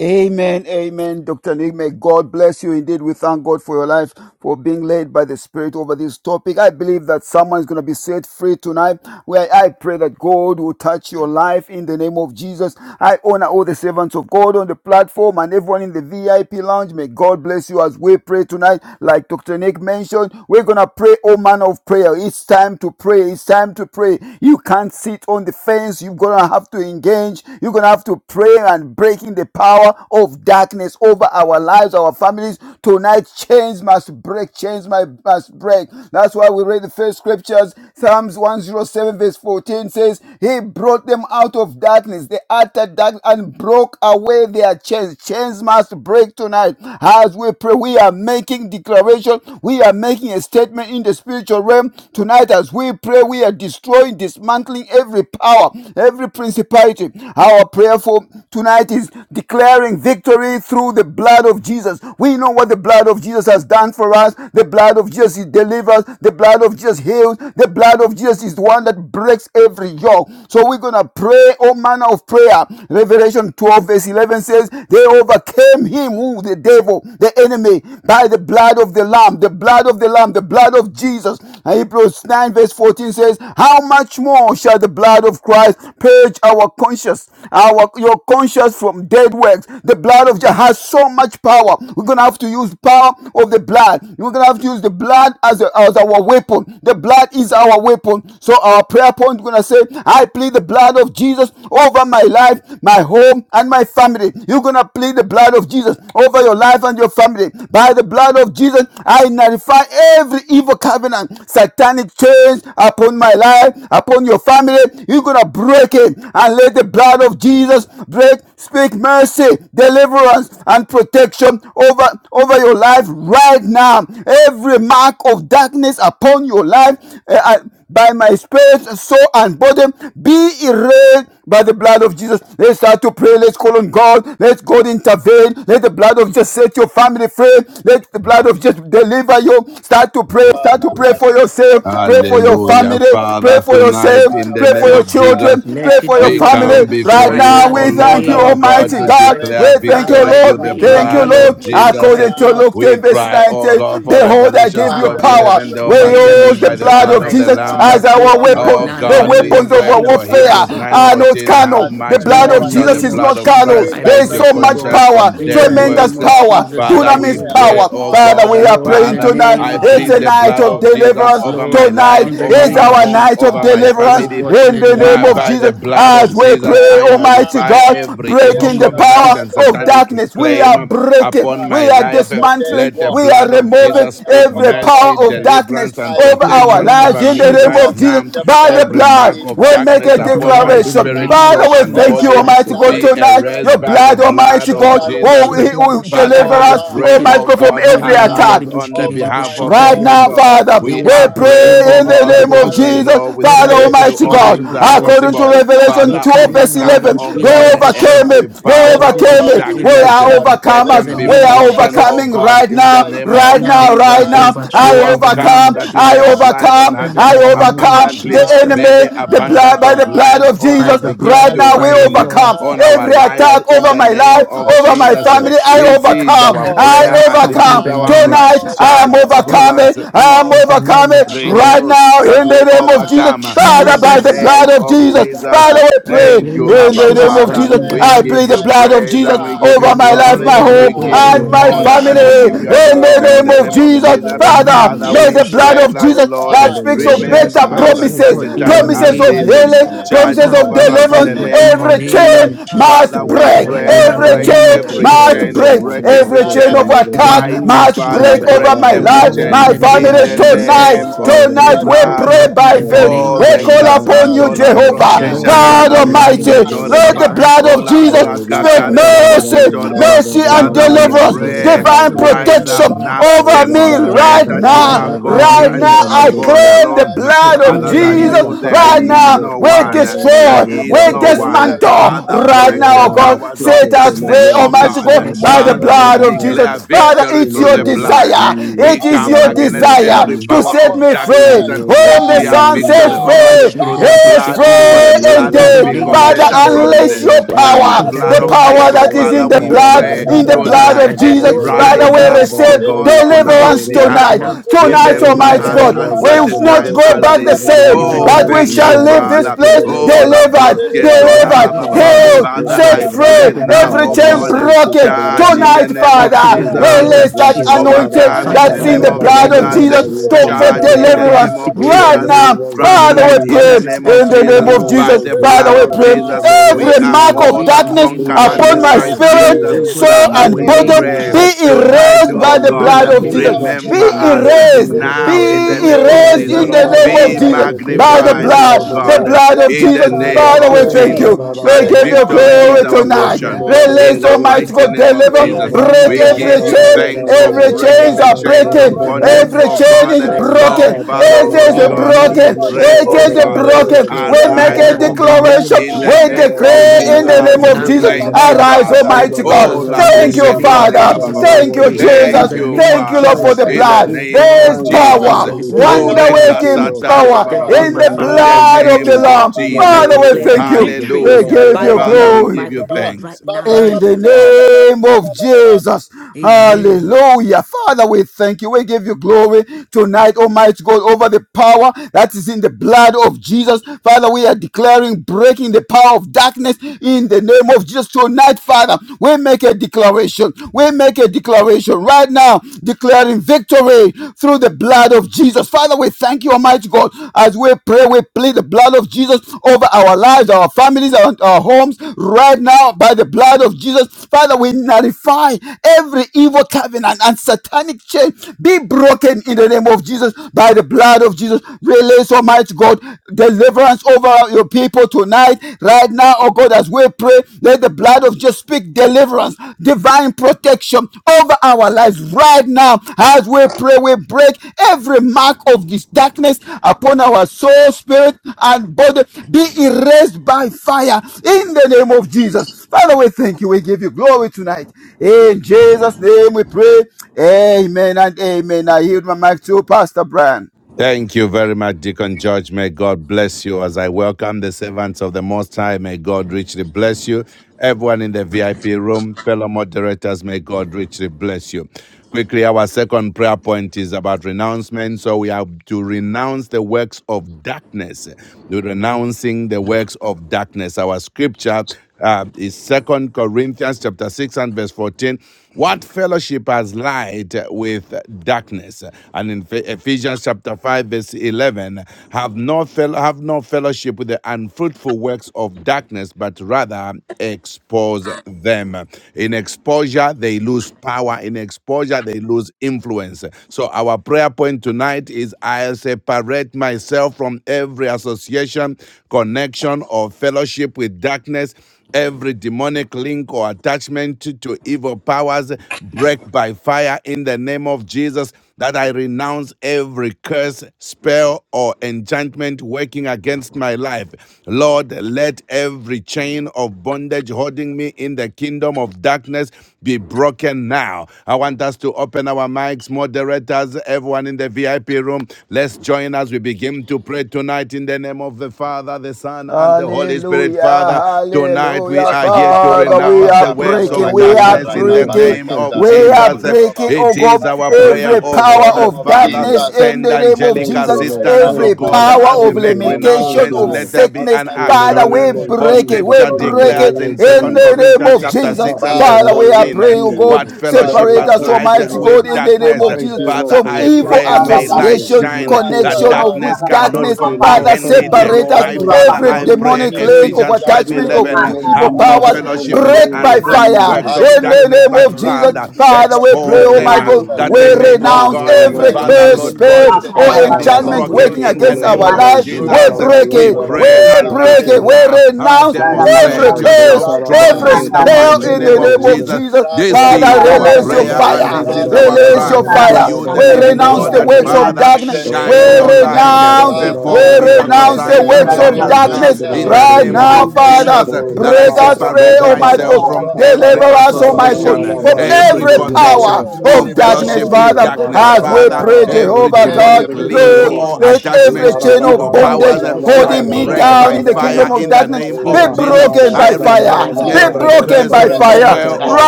Amen, amen, Dr. Nick. May God bless you indeed. We thank God for your life, for being led by the Spirit over this topic. I believe that someone is going to be set free tonight. Where I pray that God will touch your life in the name of Jesus. I honor all the servants of God on the platform and everyone in the VIP lounge. May God bless you as we pray tonight. Like Dr. Nick mentioned, we're going to pray, oh man of prayer. It's time to pray. It's time to pray. You can't sit on the fence. You're going to have to engage. You're going to have to prayer and breaking the power of darkness over our lives, our families. Tonight, chains must break, chains must break. That's why we read the first scriptures. Psalms 107, verse 14 says, He brought them out of darkness, the utter dark, and broke away their chains. Chains must break tonight. As we pray, we are making declaration, we are making a statement in the spiritual realm. Tonight, as we pray, we are destroying, dismantling every power, every principle prosperity. Our prayer for tonight is declaring victory through the blood of Jesus. We know what the blood of Jesus has done for us. The blood of Jesus delivers. The blood of Jesus heals. The blood of Jesus is the one that breaks every yoke. So we're going to pray all manner of prayer. Revelation 12 verse 11 says, they overcame him, who the devil, the enemy, by the blood of the Lamb, the blood of the Lamb, the blood of Jesus. Hebrews 9 verse 14 says, How much more shall the blood of Christ purge our conscience, our your conscience from dead works? The blood of Jesus has so much power. We're gonna have to use the power of the blood. We're gonna have to use the blood as, a- as our weapon. The blood is our weapon. So our prayer point we're gonna say, I plead the blood of Jesus over my life, my home, and my family. You're gonna plead the blood of Jesus over your life and your family. By the blood of Jesus, I nullify every evil covenant, satanic chains upon my life, upon your family. You're going to break it and let the blood of Jesus break, speak mercy, deliverance, and protection over, over your life right now. Every mark of darkness upon your life. eh, by my spirit, soul, and body be erased by the blood of Jesus. Let's start to pray. Let's call on God. Let God intervene. Let the blood of Jesus set your family free. Let the blood of Jesus deliver you. Start to pray. Start to Father, pray I for pray right yourself. now in Pray the for your name of Hallelujah. family. Jesus Pray Father, Christ, for the tonight yourself. Son in of the Pray the for name So your of living God. children. Jesus, Pray I Let for it your call be, we O family. upon come God, you, the so Right before right you, covenant now now, in O the we keeping thank Lord you, name our God. of God, Almighty to I Jesus Christ. God. We pray, declare thank Father, you, victory Abba I through Lord. the pray in the Father, Thank you, blood name Lord. of of Jesus beginning Jesus. According Christ, to now Lord, Luke We 10, in verse the cry, name O of 19, God, for Jesus, behold, I Revelations give by you 12 power the of power. blood 11, they of the We name overcame of Jesus, him use by the the Jesus blood I blood of of the Christ Jesus declare be as Lamb. we our broken right Oh overcame now weapon. in the the The God, we name enemy weapons of of by pray our the for Jesus blood warfare of Hebrews Christ, O the God. are Lamb not 9:14, and how carnal. by the The much word In of blood the more of our shall the Jesus name is of blood not testimony. of carnal. Jesus, We Christ I There love is purge pray, your not so our O much God. lives conscience power, from unto In dead the death. tremendous works? name of power, Father, Jesus I Father, Christ, we O dunamis declare pray, God. power. oh how Father, God, much Yes, we that are Lord, more in praying the shall Father, the tonight. name I of It's blood, plead a the Jesus, night blood of shall of the Jesus deliverance. blood, over Lord, my Tonight life, shall in the the over is name my of our blood, home, Jesus, night of over shall my the pray, O deliverance family. God, blood, in in in the the the name name My, of of blood by the of Jesus. blood Christ As of Jesus we Christ, Jesus, right pray, I Almighty nullify God, now. every in Yes, evil the breaking the name the of covenant power blood Jesus. and of of satanic Christ darkness, we purge are claim my breaking, upon conscience we my are from life. the dead dismantling, Let the we walks. are blood of removing Right Jesus speak now, oh every God, I power mercy, of pray. deliverance, darkness and I over In plead the the our protection name of lives over in blood. the me name right I Jesus, of Jesus. now. plead the By blood the Every of blood, mark of we Jesus make darkness a the upon over my blood, in my the declaration. spirit, name life, of Father, soul, we and thank Jesus over you, body my Christ, Almighty O God, God. life. be tonight. Right Your erased by now, the blood, I plead blood Almighty the of God, In blood of will, Jesus. Jesus will Father, deliver I us, over, pray, Almighty oh God, over from God, my every life, attack. arise on the over behalf my of your Right home, now, people. Father, over We my we are family, praying, pray oh in the God, over name of because we Jesus, know with, Father the, RCCA. with you Almighty all I God, things are plead according to possible. the blood Revelation of Father, 12, verse Jesus overcome, 11, oh they right God, overcame now every it. in they the power name overcame of of it. We darkness. Jesus are Christ, Let the overcomers, them The be we name Son of of are the broken, Jesus, oh living overcoming God. God, right in the now, My name right right of Father, now, now, right Jesus. I I now. I You overcome pray in have the name and come overcome, of that we I may have Jesus. declare life in and overcome, the have Come it name I in of the more Jesus name of that overcome the abundantly. Jesus by Christ. the May the enemy, the blood abundance by of the blood, blood life, of oh by by God, Jesus. the the begin Right blood blood, to now, of we by the reign blood, overcome on Jesus, our every right lives attack in over now, the my name life, oh, by of the over my Jesus. Jesus. blood of family. Christ. I This Jesus, is overcome, our I I over prayer bless my and this in is the overcome. our life, Turn name of cry. life. Jesus. I over am Charge my Christ. over In overcoming. home, us. Mm I am the over my name overcoming of Jesus. family right renew now that in the right we name of now. Jesus. overcome By Father, in the the by the Jesus. blood blood name of of of Jesus, Jesus. Jesus. I Father, we Yes, In Lord, pray the Thank you, name in declare, of in the Abba name Jesus I of Father. Christ, Jesus. in the declare, We I name give of plead the you I blood Jesus. of praise Jesus and we nullify, give Pray you over my the I life, glory. my blood, oh home, We nullify God, give in the you and my name right of honor family and we the Jesus give now you Christ. name in of the adoration all in name the the of Jesus, name of in the workings Jesus. of Jesus. the name In the of name Father, of Father, enemy. may Jesus, we the Jesus blood Christ. I pray of nullify that, Jesus Lord, in the name of Jesus, in that the speaks of name of right Jesus remember now better in us the Christ, name at oh Jesus, of promises, such in a God, in the time Jesus. as promises name of I of this. Jesus Christ. healing, declare Charge the promises Ah, of name that over I I'll of us pray, in not deliverance, oh the be God, a name in Jesus. the of every victim Jesus. name right of chain Jesus now. Christ. must Father, we All Oh, break. Rabba, right pray, Mareka now, in Rabba, the Every Rabba, break baraka name of Rabba, chain tere every Jesus must chain, Christ. brokoto. break. Rabba, break every Every Rabba, chain chain. of Rabba, In attack the Rabba. attack Iskarababababa. name Mighty of must Father, Jesus I We break Christ. shall over break not claim my We bow down, every right life, go chain my now, in the Rabba, Rabba, name in of Rabba, family I the Jesus tonight. name Rabba, Christ. nullify of It will Rabba. Tonight that be we broken pray Jesus. right evil now by in the Oh, faith. Oh, name We Rabba, Rabba, Rabba, Rabba, of covenant call right Jesus Rabba, recasta Christ. upon now you, be tolambro Yes, que Rabba, Jehovah, nullified Rabba, Rabba, Lord, God in by the the shakalambras name Almighty. que of blood, Rabba, Jesus tore Rabba. Lord, Christ, the by baba. by the the blood of blood. In blood, Jesus the Olambra name of Jesus, by speak the kakare in the bobo blood. se name mercy, tore of baba. Every In mercy the and evil Father, name Jesus, in of we deliverance, covenant Jesus pray, right Christ, divine oh now be God, rise in the up protection name nullified now. of by the over Jesus. me blood. Demonstrate right By that the you are now. Father, blood, in the I God Right and name now, you of are pray, I Jesus God Christ. claim the alone. satanic We're blood of in Other the Almighty than God, Jesus. you, name there and, Right and is now, no we satanic one. claim There destroy, is upon we no my one. life dismantle. Father, by the Right break now, the oh blood God, powers by set of the us of blood darkness, free, of oh Almighty Jesus. Jesus God. God, Christ, oh by I the God. Father, blood we blood of nullify declare Jesus. Father, victory every it's through your the evil blood. desire. covenant We It and is come your satanic against desire claim every to power set upon of me my the free. darkness life. uh, name of that Whom the we By the have Son victory sets Jesus, In free the blood, name over Ah, of you through the by the Jesus, is blood, in declare for blood. the the free blood in that the name of speak indeed. name of of Father, better Jesus, Jesus in the Rakabarakandorobo, unleash name promises of your Christ. than the power, Jesus. In the blood the Marakadoro of name power Abel. that In is the Barakate, Father, in name the we of blood, pray in the of Eskataraba, blood Jesus tonight, of uh, Christ, let Jesus. the blood Andoroko Father, rise begin we to up, receive O speak, Barakate God, Baba, on begin our to deliverance speak right behalf. tonight. Eskatara now, even Tonight, Brokoto, for me. Remember In Almighty the us God, name Roko at of Baba we such will a Jesus, Baba, not time go as back the this. Rakababa same, in the Oh, but name Baba we of thank you, shall Jesus, Brokoto, leave Christ. this Father. place Reke Oh, la delivered, Barakandere broske tora even ba delivered, ba with Barakatara ba the ba. angel Baba, of the healed, Father, set I free, Ambraka in pray the Baba name now, Baba every oh of chain Jesus Baba, God, Christ, broken broken. Amaraka charge in Tonight, the name of Lord, Barakatara in Father, the Baba, name release Jesus of that Amaraka Jesus Christ, Baba anointing overcome in the that's Father in name the Barakatara Lord, of that the blood of name Brokoto, of Jesus, eh, Jesus Jesus Roko to, Christ, ba for ba charge for ba in ba that the there ba be ba deliverance name ra of victory right right brokoto. Jesus, eh, now. now. In the Reke Father, ba name prostrate we ba of ba in pray ba the ba Jesus name ba of in Christ, ba the ba in the name Jesus. name of of By Jesus. Jesus. the Father, blood Jesus, we of pray in the name of Jesus, in the Jesus, Eskaraba, name of we every are mark Jesus. more of In the than eskaraba. darkness name of In the conquerors upon in Father, Jesus name my of I Christ, Christ Father, I spirit, pray, pray, Jesus. Jesus, oh God, in the soul, I Father, in and the name we of body name of pray nullify Jesus, be Jesus Christ, the tonight, erased in Father, the oh by the covenant in name God, the blood eh, of and of the name of Jesus. Jesus, powers of in Be Jesus the remember Christ, name us darkness eh, of Father, erased. in Jesus. Lord, the now by the name in of the Be blood, name in of Oh, the Jesus, erased ra Jesus. in ra the name by ra of ra the name ra Jesus of Be blood ra, Christ, Jesus of yes, in in the the by name the Jesus. of magnified, name of oh blood, the Lord, Jesus the the God, Christ. Father, eh, Lord. blood let of The in the the Jesus, Lord, You blood oh name ra of God, Father, ra in we ra of the ra thank Jesus ra Jesus, name ra of you. ra Jesus ra We as speak ra, give Christ, you Father, victory now, Lord, is glory I pray our in the yes, speak tonight. in name portion. of the name now, of Jesus In Release, the the Christ, in Lord. the Almighty mighty in God, name name of of in deliver, Jesus. Jesus. Oh, the ra sa name break of We ta Speak ra every give ra Jesus ra you Christ. chain. ra ra ra mercy, thanks ra for ra Every ra deliver breaking chains ra the deliverance are ra ra chains and ra breaking. In of ra the ra ra. bondage, name of Every oh protection chain Jesus is God. right Oh, Christ, ra now Father, broken. Oh I sa ta pray. Father, ra It over ra Lord is ra In the ra, God, Almighty name we yes, in the name of the broken. of God, pray, Jesus It oh Christ, let is over it be God. me broken. broken We right make right Arise, a now. oh now, In the God, right name of in declaration. We the Yes, Jesus now, declare Christ, name Lord, of in right let decree the it be in now. the name of Jesus. broken name of now. In Jesus, the Jesus. Thank name you, of arise, Jesus Father. In Christ, the Almighty God. Rekabababababarabrikoto, Oh, name Father, of Lord, Thank in the you, Laboshe name Jesus, of Kori in Father. the Baba Jesus Baba. name Christ, I Thank you, of pray. Iskandarabarakanderibraba, In Jesus. Thank the Jesus. you, name Thank of you, Lord, Father, for Thank Jesus the you, Christ, in the blood. Lord. oh name God, There I is of Thank pray, oh Ambarakanderibrikotoraba, you, God, sweet Jesus. even for power, this. Holy In the Oh, Spirit. wonder name of Thank you, waking Jesus Lord. Christ, Rekasatari power Baba Iskandarabrikotoraba, thank Baba. you, In in my the the In Father, name in the the of blood name of of name the Jesus of Christ. Jesus, Lamb. in the Yes, I Jesus. Father, name we of declare the thank Abarakandorakabarakateraba, you. Jesus, victory in We the Hallelujah. give name by of you the Father, we blood, Jesus. glory. by give the you Iskandarabrikotoraba, blood, thanks. right now in In Thank the you, Jesus' name. Father. name of Barakababababababababa. Jesus. Amen. Hallelujah. Father, we thank you. We give you glory tonight, Almighty God, over the power that is in the blood of Jesus. Father, we are declaring breaking the power of darkness in the name of Jesus. Tonight, Father, we make a declaration. We make a declaration right now, declaring victory through the blood of Jesus. Father, we thank you, Almighty God, as we pray, we plead the blood of Jesus over our lives, our families, our, our homes, Right right now by the blood of Jesus. Father, we nullify every evil covenant and satanic chain be broken in the name of Jesus by the blood of Jesus. Release, Almighty God, deliverance over your people tonight, right now, oh God, as we pray. Let the blood of Jesus speak deliverance, divine protection over our lives right now. As we pray, we break every mark of this darkness upon our soul, spirit, and body. Be erased by fire in the name of Jesus. Father, we thank you. We give you glory tonight. In Jesus' name we pray. Amen and amen. I yield my mic to Pastor Brian. Thank you very much, Deacon George. May God bless you as I welcome the servants of the Most High. May God richly bless you. Everyone in the VIP room, fellow moderators, may God richly bless you. Quickly, our second prayer point is about renouncement. So we have to renounce the works of darkness. We're renouncing the works of darkness. Our scripture uh, is Second Corinthians chapter six and verse fourteen. What fellowship has light with darkness? And in Ephesians chapter five verse eleven, have no fel- have no fellowship with the unfruitful works of darkness, but rather expose them. In exposure, they lose power. In exposure, they lose influence. So, our prayer point tonight is I separate myself from every association, connection, or fellowship with darkness Every demonic link or attachment to, to evil powers break by fire in the name of Jesus. That I renounce every curse, spell, or enchantment working against my life. Lord, let every chain of bondage holding me in the kingdom of darkness be broken now. I want us to open our mics, moderators, everyone in the VIP room. Let's join as we begin to pray tonight in the name of the Father. Father, the Son, and the Holy Spirit, Hallelujah, Father. Tonight we hallelujah, are Raka here pa to pa pa Father. pa We pa renounce are the pa rab works Father, in breaking, the of raka we name pa are of darkness in raka the Jesus, pa breaking, we name raka thank of da you rab so we much. are Jesus. Lord. breaking, rukodoroba. oh It is God, our Father, Thank prayer, you every in oh so the much, power God name Lord, and of of for who Father. you darkness are. Jesus, in Send the we name of come angelic to Thank you you, Jesus, right Lord. now, assistance, oh Thank every you, God, Almighty Lord. power as God. we of Thank make you, Lord Lord. Thank limitation, renouncements. you, of Father, Let Lord. there be sickness. an In Almighty the Father, God, action. we name of according For to break it, Jesus, 2 we scripture in the break Corinthians declares it name of in chapter 6, in Second verse Jesus. the name Corinthians of 14. chapter Jesus. Uh, 6 and in the verse Father, Father, we name are of what 14, praying, oh God, what Jesus, fellowship has Father, fellowship we separate has light us, thank with light you, Almighty Lord. Sora God, with darkness? in the name darkness? What of masandara, Thank you, Jesus, Lord, Father, fellowship from for your I has evil light pray, with isara faithfulness may and your light darkness? association, basindoro, goodness, shine My oh that that connection God. of God, with darkness with makara I papa cannot Thank darkness. you, pray papa right Lord. Father, comprehend Thank now. you, zindoro, it. separate Lord. us. My Light Lord, kura Thank has we you, Father, go Every I no Lord. in the pray demonic basindoro, connection link name with of of Ephesians zindoro, Jesus, In God. darkness, attachment the oh of 5:11, in name to uh, the God. of makara evil have name no of Father, powers, Jesus, sandara, in in the Jesus, the fellowship name God. with of the break name of by Father, Jesus, Lord, unfruitful fire. by makara works Jesus, I of In power, pray, the zindoro, darkness, name in Father, but of the Jesus, name rather of Ephesians Father, Jesus, we chapter God, pray, in 5, expose the that oh it be my them name uh, verse of God, that broken we makara 11. they Jesus, may, in oh now the Have renounce as God, no I uh, name of every pray zindoro, in Father, the fellowship curse, Jesus. Lord name of God, spell, with uh, Jesus, the, I makara or Father, with be the renounce it, Saraba enchantment God, masondoro, broken zeke working in in unfruitful, the the against tele name our with name of brodo of lives. makara We Jesus, Jesus. unfruitful zindaraba break masondoro, We it. kura works pray, yandaraba of We zindoro, seke break arise it. darkness, tele. now We but and renounce in the kara name of Larika indeed, every demonstrate masandara, Jesus, bazon God. curse, yourself in the taraba strong in every rather the in the reke makara name of spell mighty in Jesus, zindoro, the name expose God. of name them, of tele Jesus. Jesus. rather. This Father, Oh, Father, is isara our in the release Oh, your expose name prayer of basindoro, them. Jesus, and God, this let fire. is it Father, be our come Release broken cry your isara now to fire. you, renouncing the the as We I masandara, works living pray of renounce in God, the the that darkness works I of name Father, of in darkness. the declare. Jesus, We name shine of I your Jesus. light. renounce renounce. every We work Perform of Father, miracle I renounce darkness the signs in and works the Ikara of separate name wonders of now darkness Jesus, masundere, God, in myself the right in the name from now, name of of masire Father. Jesus. Jesus. every That masundere, I Break us free, separate Almighty association, God. myself ikara from co- uh, my Deliver every God, masundere, a us, In the koro Almighty God, association, name sundere, connection, from of oh God, every every Jesus, of power connection ikara or name of fellowship, of oh Jesus darkness, masundere, fellowship God, Christ. with Father. with Father, darkness. As let the kara we darkness, Father, oh pray, evil God. masundere, look every Jehovah now God, demonic Every in the koro link Lord, name sundere, or of demonic let Jesus every Christ. attachment link, to chain of evil Father, I pray bondage powers, Almighty that in the I God, holding me name break of of down Jesus. by in the kingdom fire Almighty of in God, the broken. of darkness name In be the of attachment name Jesus. of broken to I by Jesus Christ. evil fire. I renounce plead the Be power. every blood of broken curse, God by in the I name of fire Jesus spell, Christ. break, or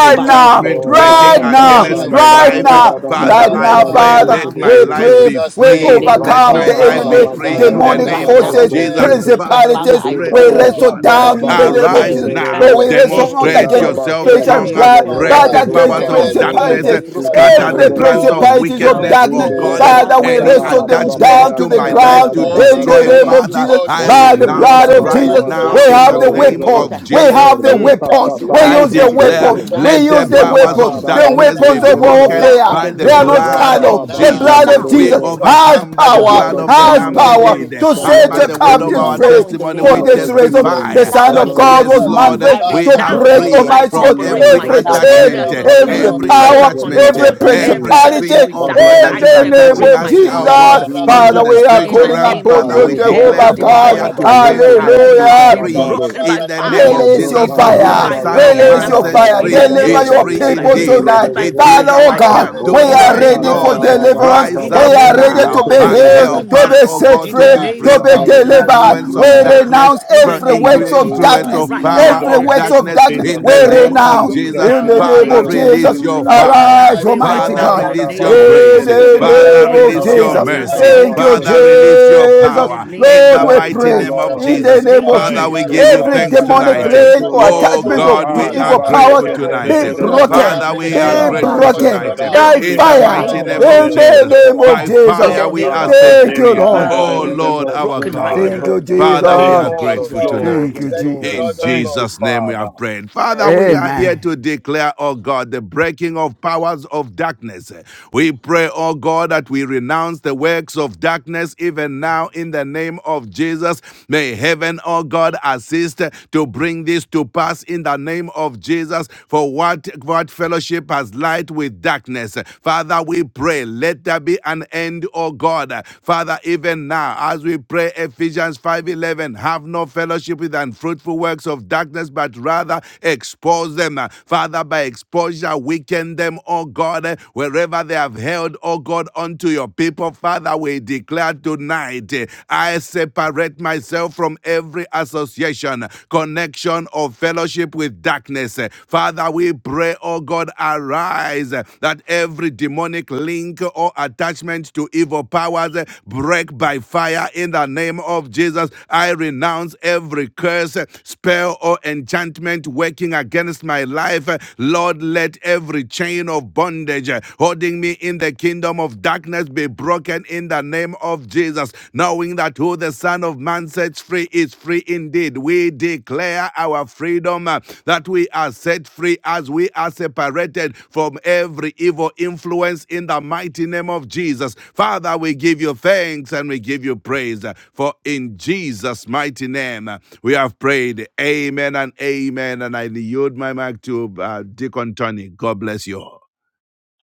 oh God, By now. enchantment Oh, every, by working Right my every rakata God, right da now, da chain against by da my of da right da da life. da bondage fire, da now, be da Father, da right by da I now, broken da da. right pray, fire, Yes, Father. it let now is, it my in We is, it life pray, is. be Jesus' we in the free. name. Oh, name of Let overcome my Jesus Oh the rakata Christ, da life da God, be enemy, da let it da. be free I in the Yanda broken demonic da right name da da renounce now of da in forces, da. the Jesus. name of every Simple. Jesus Christ. Father, curse, we Father, principalities. I pray, Libra We oh pray, do spell, wrestle God, zata let or it da down be ba. in uh, the Yes, broken. name it is, of enchantment arise it Jesus. Every is, it now, For curse, is. we working, wrestle every not Sunda demonstrate da against spell, ba. working yourself flesh every Shake and it, stronger, against tele blood, enchantment my bro. break working Da but the life. against zunda against my powers da In life, ba. the of name let Yoku of it darkness, be ba. uh, principalities. Shake Jesus, broken it, scatter tele now. the Every bro. Be plans of Lord, broken principalities La of now. let wickedness, Be oh darkness, zunda de God. broken Uh, bo. now every Father, in we the Sata Any chain da name wrestle ba of ba of them ba Jesus ba. attachment down Christ. bondage to to the Yata my Be bondage, da da life ground da to broken da da now in da in the da holding destroy, da the name name da. me, of of Jesus Father, Christ. Jesus. Even I holding as Oh, By I me the pray, rinda renounce blood da in of da be the da right Jesus, da. mighty broken God, now we Yes, now it in in is, the have the it the name holding is, of name it me Jesus is. of in weapon. Christ. We the Jesus. Oh, have the kingdom Mm. of ruka Yes, weapon. sata darkness, We Lord, la I use the it bra in is the declare, do. weapon. broken kingdom now We of in let the use the the Oh, name darkness. of powers weapon. of The Jesus. Right darkness be weapons now, of Breaking broken now in Father, by the warfare. the They name are be of not Jesus. blood It carnal. broken is of The broken now, Jesus. blood of now in be the We Jesus Rakababazonderobos. name of Jesus. has broken overcome by the the power. now, blood blood of of Broken the be Has now in Lamb the Jesus, power name broken of indeed, to the Jesus. and now, set blood by your of the be word of captives Broken our Jesus, free. broken now in the testimony, the name For we of now. blood this of Jesus. In reason, the the Broken testify Jesus, name now Son the of in the that of blood name of God of yes, was Jesus, Jesus. Lord, Jesus, I manifest by we to the are the renounce, oh break, blood blood God. free of I of Almighty from God, Jesus, separate every Jesus, every the myself, with the blood chain, every attachment, help of of the every association, every Holy Jesus, every power, Ghost the blood attachment, every of connection, every every Jesus, cover arakatara my, principality fellowship string, with oh the the God, darkness. blood brakatara that in I sun of is the brukuto. attaching name separate of Jesus, us, is the myself oh from blood it. upon my of God, Jesus. Iskatara life. unto Father, the we Jesus. are In barakatara spiritual the calling baba. realm. name of upon Father, Jesus, you, we Parete every declare Jehovah Make the plan God. of fire demonic to baraka bazontaraba giving baba burn attachment baba. to yekebo and sickness, evil cut power be Hallelujah. free Uraka shitalabrado. broken deliverance, by in the baraka in the name fire. of baraka Release Lebros, Be your Jesus, protection da, for ta, sikata. over who broken da, fire. me the by da, Son ya, of fire ta, da, Release Man your da, now. right Amaraka. da, sets fire. now. da, In free da, the I da, da, Deliver is name pray, da, your of free Jesus yesu, Father, Christ, in people be le, the Every do, indeed. name do, mark broken tonight. of do, by do, of It do, Jesus, do. Father, is fire oh our right darkness God, cry. now. every we Oh, In upon the are ra, my spell, Tonight, name ta, ready of ta, spirit, for Lord, da, every da, Jesus. soul, curse, da, da, deliverance. da, rise In and the We da, up da, holding are name body me da, of ready is Jesus now to yesu, be bound, Christ, le, be and do, away do, Father, healed, do. help by broken to to the us, be now. loose oh blood of set me God, In to the free, Jesus. be now name In to free of the be by from the name Jesus of Christ, Ikara be fire, delivered. influence We of by broken Jesus, masundere, now. darkness, renounce fire, In the from ikara every name in of by the works incre- of name Jesus of influence fire, Christ, darkness. of right by power now, in Jesus, Every the of fire works name of darkness of in darkness, Jesus the in Christ, we the masundere, name let it blood name of be of of renounce. broken Jesus. Jesus, In now in in the the the ikara Jesus. name Father, name of name of of masundere. Jesus, release Jesus your Christ. You Right Jesus. Father, now, I fire. renounce arise, I pray the right pray works Almighty of now Father, Oh, and in God. ra, the da, release darkness. ba, your name declare of ze, In ke, grace. Jesus te, Ikara Christ. the le, evil bo, shall Father, not shu, name Yes, of ta, release da, Lord, your prevail ba, right Jesus. ye, now in according the ta, to mercy. da, the Thank ba, name against you, of zo, Father, zo. me. Jesus Romans, Christ. release In your the was name In of Jesus. the power name Jesus of in come Lord, Jesus the by Christ, we Christ, the Thank mighty the blood you, pray release of name it, Son the oh of of Lord. God. in the Lamb. In the the Jesus. Living name name God. of of Father, Jesus. Thank Jesus we you, Christ. give Hebrews you Mareka Lord. Every Yes, thanks baraka 9. demonic Lord, I tonight. ndoro Thank thank you, link you, God. or braka It is Lord. Oh How so attachment daraba. in of, the much God, to Ah, we name are evil of Iska more Jesus powers grateful Rabaleke, Christ. de torobo. de tonight. be de Yes, de Lord, de shall Braka bo. the broken, now Father, in the blood we bareka of are name be of dara grateful Christ Jesus broko Christ. Rabazon broken de tonight. take de toroba. and bo, Now, by take In Lord, it in the the Shikata from the name mighty Mareka fire of Rabba, name dere of ye in Jesus de Christ. broko the de Jesus, de bo. name of by toroba. blood and In Jesus. the fire Oh, Oh, we name are of thank you, Rabba, Jesus set Thank Christ. you, free. yeke, de Lord. de Father, Jesus. de Oh Lord, de it de is Lord, bo. Thank you, our broken King right of Zumbale God. Thank now. you, Kings. brosa. In the Father, Thank we Take you, name are Jesus. of King all of the grateful Jesus Glory. Christ. Thank tonight. glory. you, Yes, Thank you, Lord. In Lord Jesus. of Thank you, Lords. Jesus' name we Father. have prayed. Father, we are here Amen. Amen. to declare, oh God, the breaking of powers of darkness. We pray, oh God, that we renounce the works of darkness even now in the name of Jesus. May heaven, oh God, assist to bring this to pass in the name of Jesus. For what, what fellowship has light with darkness? Father, we pray, let there be an end end, oh God. Father, even now, as we pray Ephesians 5:11, have no fellowship with unfruitful works of darkness, but rather expose them. Father, by exposure, weaken them, oh God, wherever they have held, oh God, unto your people. Father, we declare tonight, I separate myself from every association, connection, or fellowship with darkness grace. Father, we pray, oh God, arise eh, that every demonic link or attachment to evil powers eh, break by fire in the name of Jesus. I renounce every curse, eh, spell, or enchantment working against my life. Eh, Lord, let every chain of bondage eh, holding me in the kingdom of darkness be broken in the name of Jesus, knowing that declaring that who the Son of Man sets free is free indeed. We declare our freedom uh, that we are set free as we are separated from every evil influence in the mighty name of Jesus. Father, we give you thanks and we give you praise uh, for in Jesus' mighty name uh, we have prayed. Amen and amen. And I yield my mic to uh, Deacon Tony. God bless you all.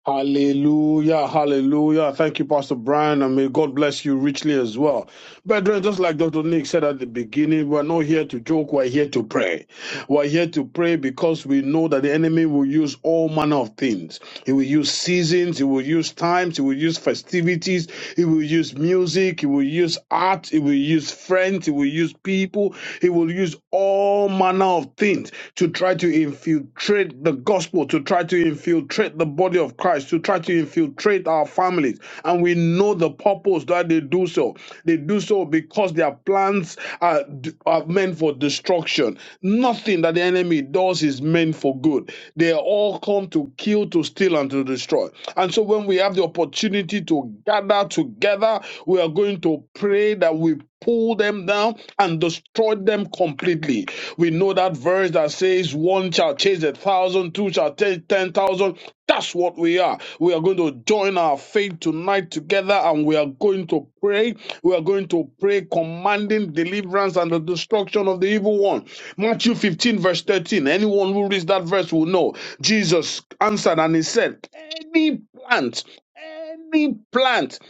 Hallelujah, hallelujah. Thank you, Pastor Brian, and may God bless you richly as well. Brethren, just like Dr. Nick said at the beginning, we're not here to joke, we're here to pray. We're here to pray because we know that the enemy will use all manner of things. He will use seasons, he will use times, he will use festivities, he will use music, he will use art, he will use friends, he will use people, he will use all manner of things to try to infiltrate the gospel, to try to infiltrate the body of Christ, to try to infiltrate our families. And we know the purpose that they do so. They do so because their plans are, are meant for destruction. Nothing that the enemy enemy does is meant for good. They all come to kill, to steal, and to destroy. And so when we have the opportunity to gather together, we are going to pray that we pull them down and destroy them completely. We know that verse that says, One shall chase a thousand, two shall chase ten thousand. That's what we are. We are going to join our faith tonight together and we are going to pray. We are going to pray, commanding commanding deliverance and the destruction of the evil one. Matthew 15, verse 13. Anyone who reads that verse will know. Jesus answered and he said, Any plant, any plant,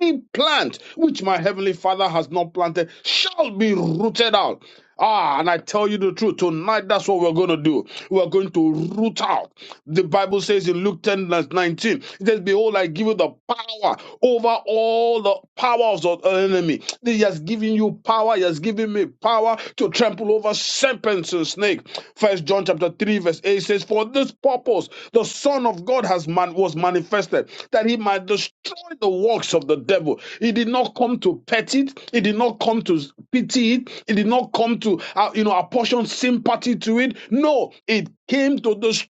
any plant which my heavenly Father has not planted shall be rooted out. Ah, and I tell you the truth, tonight that's what we're going to do. We're going to root out. The Bible says in Luke 10, verse 19, it says, Behold, I give you the power over all the powers of the enemy. He has given you power. He has given me power to trample over serpents and snakes. First John chapter 3, verse 8 says, For this purpose the Son of God has man- was manifested, that he might destroy the works of the devil. He did not come to pet it, he did not come to pity it, he did not come to uh, you know apportion sympathy to it. No, it came to destroy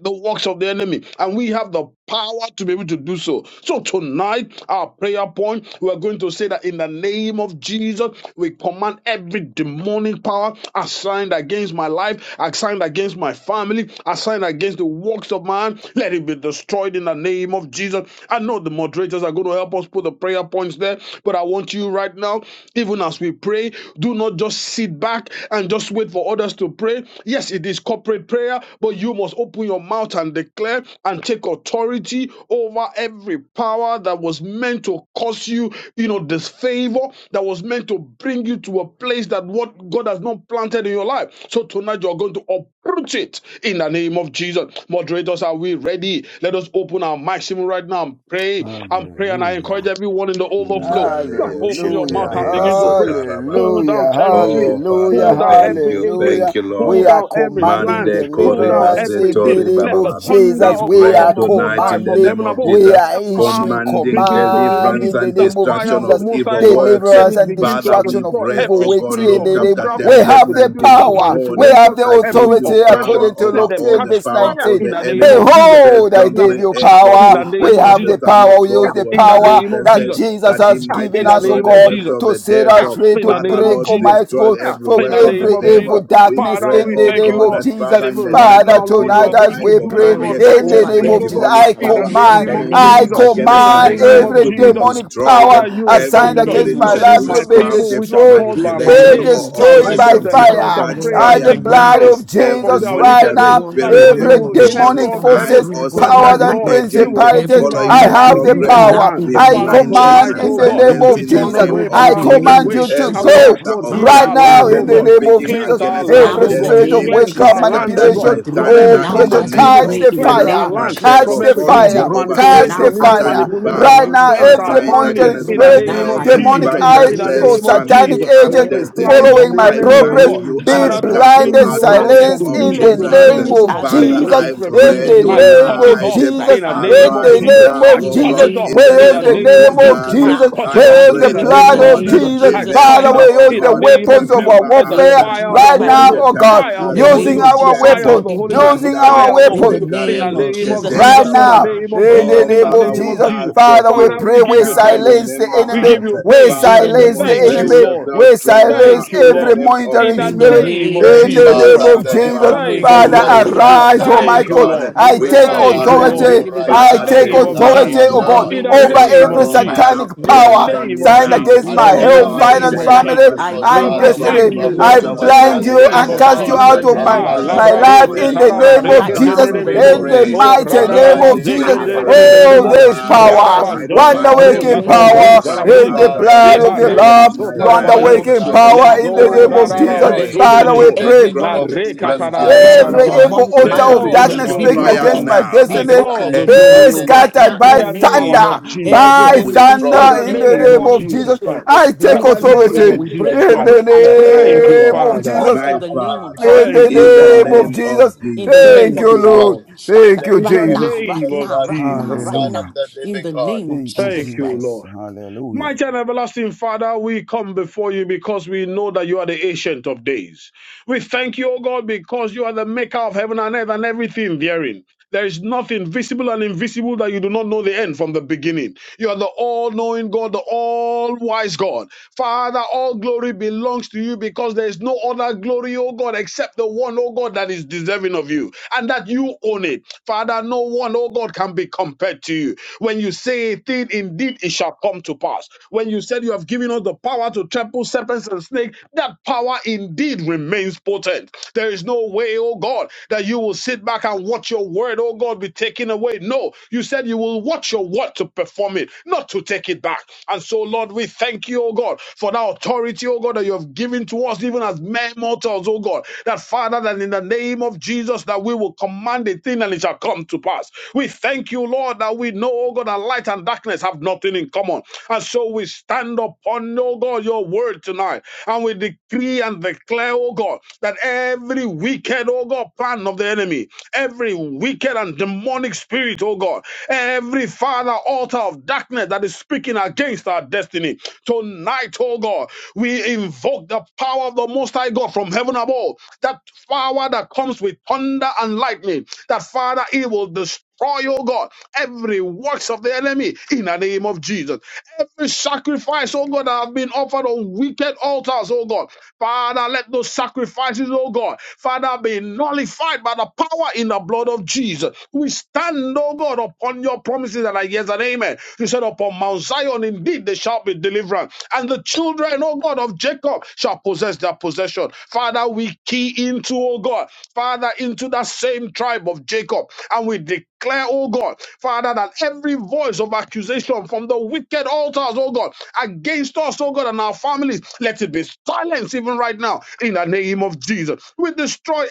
the works of the enemy, and we have the power to be able to do so. So, tonight, our prayer point, we are going to say that in the name of Jesus, we command every demonic power assigned against my life, assigned against my family, assigned against the works of man, let it be destroyed in the name of Jesus. I know the moderators are going to help us put the prayer points there, but I want you right now, even as we pray, do not just sit back back and just wait for others to pray. Yes, it is corporate prayer, but you must open your mouth and declare and take authority over every power that was meant to cause you, you know, disfavor, that was meant to bring you to a place that what God has not planted in your life. So tonight you're going to uproot it in the name of Jesus. Moderators, are we ready? Let us open our mics even right now and pray and pray. And I encourage Hallelujah. everyone in the overflow, just open your mouth Hallelujah, and Ngaleboshekere begin to pray. basotara Pull babara. down hallelujah, Oh, territory hallelujah, Father, Pull down thank every you, agent. thank you, hallelujah. Lord. Pull We are down every commanding plan. Mande Pull down koriba deliverance in the everything. setori name Let the of bababa. thunder We Jesus. of We God pray are from the Most tonight High, in the from commanding, name heaven of above, we Jesus, are issuing Shaka, commanding begin to command deliverance release in the and the name of fire destruction of the of Jesus. Most High evil God. works. Let Deliverance it and begin Father, to we destruction of destroy pray, evil every oh works God, spirit in Luke of the name. chapter witchcraft, 10, We verse have every the 19, spirit of power, behold, we have manipulation, the I give every authority you oppression. power according to over Let Luke them all 10, the catch verse power fire of 19. in the the name enemy. of Jesus. First Behold, Catch I John the gave 3 you 8, fire for in the this power. We name of purpose have the the Jesus. Son of power, we use Fire God the was in the power name of that that manifested Jesus. Jesus that he has Fire might given in the us, oh destroy name the of works God, Jesus. of to the set Fire us devil. free, in to the Father, name of break, Lord, Jesus. Almighty destroy God, Fire every from in work the of the name every of Jesus. devil. evil We darkness Father, pray, in we the oh thank name you, God, of Lord, that Jesus. that Father, in the even right name Father, now, of Lord, you tonight are Jesus, as going I to we do, pray oh command God, Authority in mighty the over name every things, of oh every Jesus, God, demonic I in power. the power In command, name the of assigned name I of Jesus. In against Jesus the my command Christ, name oh life of every God. to be Jesus. demonic destroyed. power Father, you In the Every assigned instructed us. against name spirit of You my of said, if life to my Jesus be witchcraft, people Christ. which are destroyed, called In by the my be manipulation, name name or of shall destroyed Jesus by humble oppression, Christ, Father themselves fire. and catch pray Lord, and By in fire the the seek my name blood of face, now. of Jesus Christ. turn from Every Jesus, their Father right right wicked monitoring ways, now Lord, in that the Lord, you spirit, every name will of hear Jesus demonic demonic from God, we eye heaven forces, pray, or God, even tonight, powers, satanic right and Lord. now. You agent will uh, Let Every principalities. forgive our following I my sins demonic be have and the heal progress our broken uh, up power. land. in be the I name Father, of blinded Jesus tonight, command and in oh Christ. the God, It name will silenced be we of in the turn Jesus. broken name away over of from in I the our wicked Jesus. name command of ways you to Jesus and Every we ask, go altar Christ. Lord, of Father, heal right we our darkness now thank land, uh, in oh the God. you. name of speaking Cleanse Jesus. our against my land, Now, Every oh in the God. spirit destiny of name of Cleanse be Jesus, witchcraft, our land, we oh scattered God, be manipulation, by from broken every thunder now in form the oppression, of as we name evil. catch pray of the in the Cleanse Jesus. our name of I fire, land take catch from the Jesus. every we form authority fire, of over broken catch manipulation, every the now evil as we satanic pray fire. in the manipulation. Right power name now, of Cleanse Jesus. our every assigned family we monitoring against in the my broken spirit, now name of health, as uh, we demonic pray demonic Jesus. in the In the eyes name or finances, of name of Jesus. family, satanic Jesus. and agent Wherever Every we destiny. plant of following the my be I in enemy, the oh progress bind God. you name of and and be I Jesus, Father, to cast bring you we blinded, you, out in oh the drop God, name silenced people of in in the confusion, the to Jesus. name bring of name you Jesus to of a as we place Father, of Jesus, I pray. disrepute. In in pray the the I name of name cut it of tonight, off Jesus Jesus, in Christ, the Father, we name in of the pray. arise but Jesus. name now, I of In O the cut God, Jesus. it name off of We in the in Jesus, use the name let the of it be name of name Jesus. of broken Jesus. I now Jesus, cut we it I off as use we pray, the in pray the O in the blood name of God, of name Jesus. of Jesus. I Jesus cut Father, it Christ, we remember, my off O his use in Father the the God, manifestation name weapons of of Jesus. our remember And the us name of warfare fire of the at Jesus right Christ. Holy such now, In to Ghost, oh a this God, time fire in of as the the Holy using name this. Ghost, of our Jesus every Christ, Yes, fire of weapon, let the state of it Holy be this Ghost, using Manda broken. our fire of lebo the In Holy weapon, the Ghost, seka in the name of lebro name of Jesus ketere Right Jesus, in Christ. the now, baba. name of in the Jesus, Oh, in the name of Father, name we of Jesus, creature ask Jesus. and of of Father, we every Father, you we pray, thing we give by you now this thanks. new silence the remember power, We enemy, give us. every you we praise. In Father, the silence name the of Thank you, demonstrate enemy, Jesus. Lord. yourself we strong now silence Thank you, in the every Lord disease, name of in monitoring the In the Jesus. spirit name of name of in Thank the Jesus you, name Father, Jesus. Christ. in of the Abba We name of Jesus. come, Father. oh Thank Jesus you, God, Father, We man, Christ, Lord. the Son lebo of renounce, arise, the oh Almighty Thank living shahande. you, God. God, God, Lord. We I we we take brada call Thank you, upon command, Lord. turiande, you authority, lebo right In the I Father, now take name of that shikariande. deliverance authority, our Jesus. oh In the God, now God, In the name of over you name Deliver every of show me Jesus up Jesus. Christ, satanic now. In in a the pray. every power, mighty Deliver name me moment of way and lying now. Jesus. against In and my spirit, the in Oh a In the health, name the of God, powerful name moment finance, Jesus of way. Christ, deliver family, Jesus. us I Because, pray now Lord, and we right Father, now we from destiny. thank in and the you, have I name time, put Lord. destruction of our of In Jesus the the blind trust Christ. evil you time in I works. name you, and O of and cast stand the you God. in Jesus. Father, out the of person And, name my, of Ah, deliver Father, us, my Jesus right oh Christ, now, labrado in life God, oh the se in name God. the of following taraba and name my of Right reke Jesus, now, father, destruction Jesus, in of the we evil tenderebo. name in in his of the pray, Jesus works. Oh, mind and Christ, mighty my Father, name radaraba we every of commanding silence, pray in zeke Jesus. in the the power name name in of of deliverance the Oh, Jesus. name nderegerebo. of and there is Jesus Jesus. power, destruction Christ, Every Radaba I oh word God. wonder command In of the zotorabro every waking name of evil demonic and zatalebri Jesus power works. Christ, power oh in the zalabriko. God, darkness for Father, assigned in blood the speaking of Leba the name of reka against Lamb, against Sheteriande. me. my In Jesus, the life Wonder by name the sotalabaye. of waking to blood of be Jesus, power This Let's I in part the Jesus, of pray. destroyed. name my of we time, In the radaraba Every Jesus. in pray. name spirit of Father, of Jesus, we In zunterebo. the every pray. name La demonic witchcraft, of reka Jesus, spirit, I every manipulation, Every or tararararaba. command evil demonic Take altar of oppression, every all the darkness manipulation catch be demonic glory, speaking O I fire against God. took broken, my power now. authority be Take destiny over all broken, the assigned every be be glory, O satanic broken God. right against my scattered now in In by the the life name of power to name Jesus. and of be thunder, time Jesus to Every by be Christ. against we. my monitoring In thunder life, destroyed. the spirit, my in the every name father, name of Every of monitoring my Jesus. Jesus spirit of spirit, Christ. I In take witchcraft, my the break, we name break, authority of we destiny. Jesus break, we I in manipulation, Christ. the break, we bind or you break, we and Oh Thank break, you, oppression, name cast God, of we you Father. right out Jesus, break my in of now, the name of Almighty Father, God, Jesus. out in the Thank We be in you, in the the destroy name rendered Father. of name mighty useless, of Jesus. name in be the Jesus. name Thank Thank of of rendered you, you, Jesus. Lord. Lord. powerless. In Shatter Thank the you, In right name the of Jesus. now, right name Jesus of now, Jesus. Christ, right the now, right Son Jesus. of Hallelujah. now, the in Living the God. name of Thank you, Thank Jesus you, Christ. Jesus. Lord. Hallelujah. Mighty and everlasting Father, we come before you because we know that you are the ancient of days. We thank you, O God, because you are the maker of heaven and earth and everything therein. There is nothing visible and invisible that you do not know the end from the beginning. You are the all knowing God, the all wise God. Father, all glory belongs to you because there is no other glory, O God, except the one, O God, that is deserving of you and that you own it. Father, no one, O God, can be compared to you. When you say a thing, indeed it shall come to pass. When you said you have given us the power to trample serpents and snakes, that power indeed remains potent. There is no way, oh God, that you will sit back and watch your word, oh God, be taken away. No, you said you will watch your word to perform it, not to take it back. And so, Lord, we thank you, oh God, for that authority, oh God, that you have given to us, even as mere mortals, oh God, that Father, that in the name of Jesus, that we will command a thing and it shall come to pass. We thank you, Lord, that we know, oh God, that light and darkness have nothing in common. And so we stand upon on, oh God, your word tonight. And we decree and declare, oh God, that every wicked, oh God, plan of the enemy, every wicked and demonic spirit, oh God, every father altar of darkness that is speaking against our destiny. Tonight, oh God, we invoke the power of the Most High God from heaven above, that power that comes with thunder and lightning, that Father, it will destroy, oh God, every works of the enemy in the name of Jesus. Jesus. Every sacrifice, oh God, that have been offered on wicked altars, oh God. Father, let those sacrifices, oh God, Father, be nullified by the power in the blood of Jesus. We stand, oh God, upon your promises and I yes and amen. You said, upon Mount Zion, indeed, there shall be deliverance. And the children, oh God, of Jacob shall possess their possession. Father, we key into, oh God, Father, into that same tribe of Jacob. And we declare, oh God, Father, that every voice of accusation from wicked altars, oh God, against us, oh God, and our families. Let it be silenced even right now in the name of Jesus. We destroy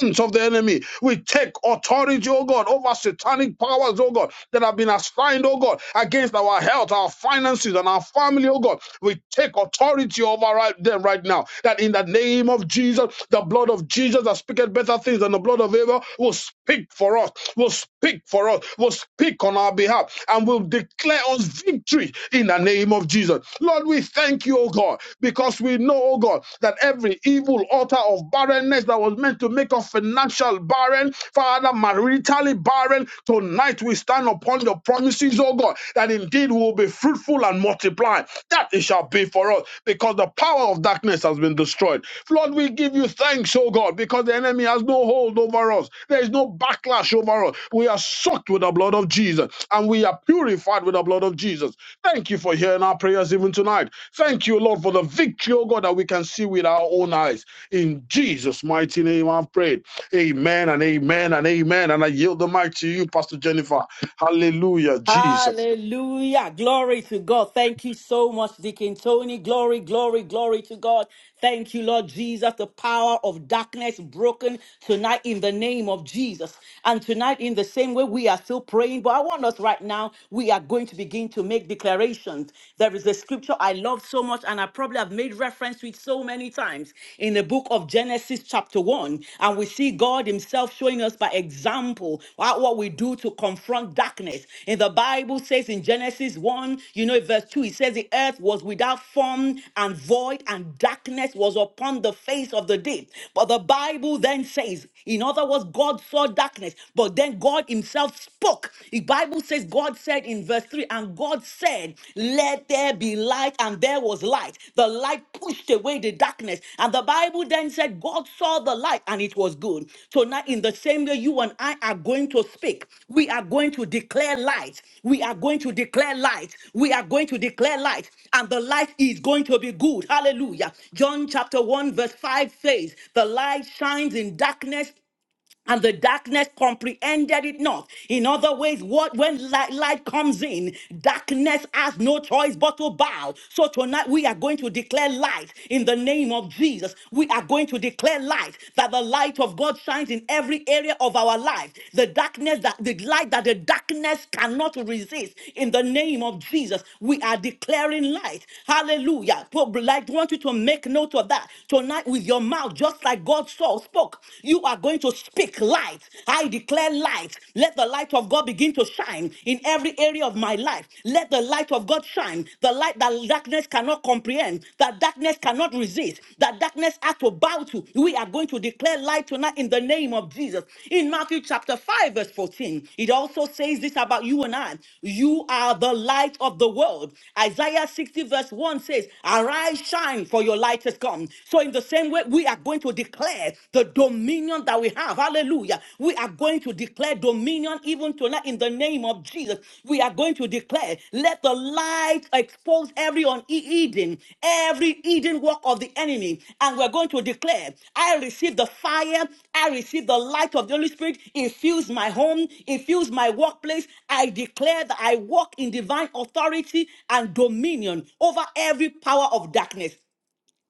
infamy. We take authority, oh God, over it, oh God, that have been assigned against our health, our finances, and our family, oh God. We take authority now that in Jesus the will begin to make us financial, Father, maritally barren. Tonight we stand upon your promises, oh God, that it will be fruitful and multiply. That it shall be for us because the power has been God, because the enemy has no hold over us. There is no backlash over us. We are soaked with the blood of Jesus and we are purified with the blood of Jesus. Thank you for hearing our prayers even tonight. Thank you, Lord, for the victory, oh God, that we can see with our own eyes. In Jesus' mighty name, I've prayed. Amen and amen and amen. And I yield the mic to you, Pastor Jennifer. Hallelujah, Jesus. Hallelujah. Glory to God. Thank you so much, Deacon Tony. Glory, glory, glory to God. Thank you, Lord Jesus. The power of darkness broken tonight in the name of Jesus. And tonight, in the same way, we are still praying. But I want us right now, we are going to begin to make declarations. There is a scripture I love so much, and I probably have made reference to it so many times in the book of Genesis. Genesis chapter 1, and we see God Himself showing us by example what what we do to confront darkness. In the Bible says in Genesis 1, you know, verse 2, it says the earth was without form and void, and darkness was upon the face of the deep. But the Bible then says, in other words, God saw darkness, but then God Himself spoke. The Bible says God said in verse 3, and God said, Let there be light, and there was light. The light pushed away the darkness. And the Bible then said, God saw the light, and it was good. So now, in the same way, you and I are going to speak. We are going to declare light. We are going to declare light. We are going to declare light. And the light is going to be good. Hallelujah. John chapter 1, verse 5 says, The light shines in darkness and the darkness comprehended it not. In other ways, what when light, light comes in, darkness has no choice but to bow. So tonight we are going to declare light in the name of Jesus. We are going to declare light that the light of God shines in every area of our life. The darkness that the light that the darkness cannot resist. In the name of Jesus, we are declaring light. Hallelujah. Like I want you to make note of that tonight with your mouth, just like God saw Paul spoke, you are going to speak light. I declare light. Let the light of God begin to shine in every area of my life. Let the light of God shine. The light that darkness cannot comprehend, that darkness cannot resist, that darkness has to bow to. We are going to declare light tonight in the name of Jesus. In Matthew chapter 5, verse 14, it also says this about you and I. You are the light of the world. Isaiah 60, verse 1 says, Arise, shine, for your light has come. So in the same way, we are going to declare the dominion that we have. Hallelujah. We are going to declare dominion even tonight in the name of Jesus. We are going to declare, let the light expose every unhidden, every hidden work of the enemy. And we're going to declare, I receive the fire, I receive the light of the Holy Spirit. Infuse my home, Infuse my workplace. I declare that I walk in divine authority and dominion over every power of darkness.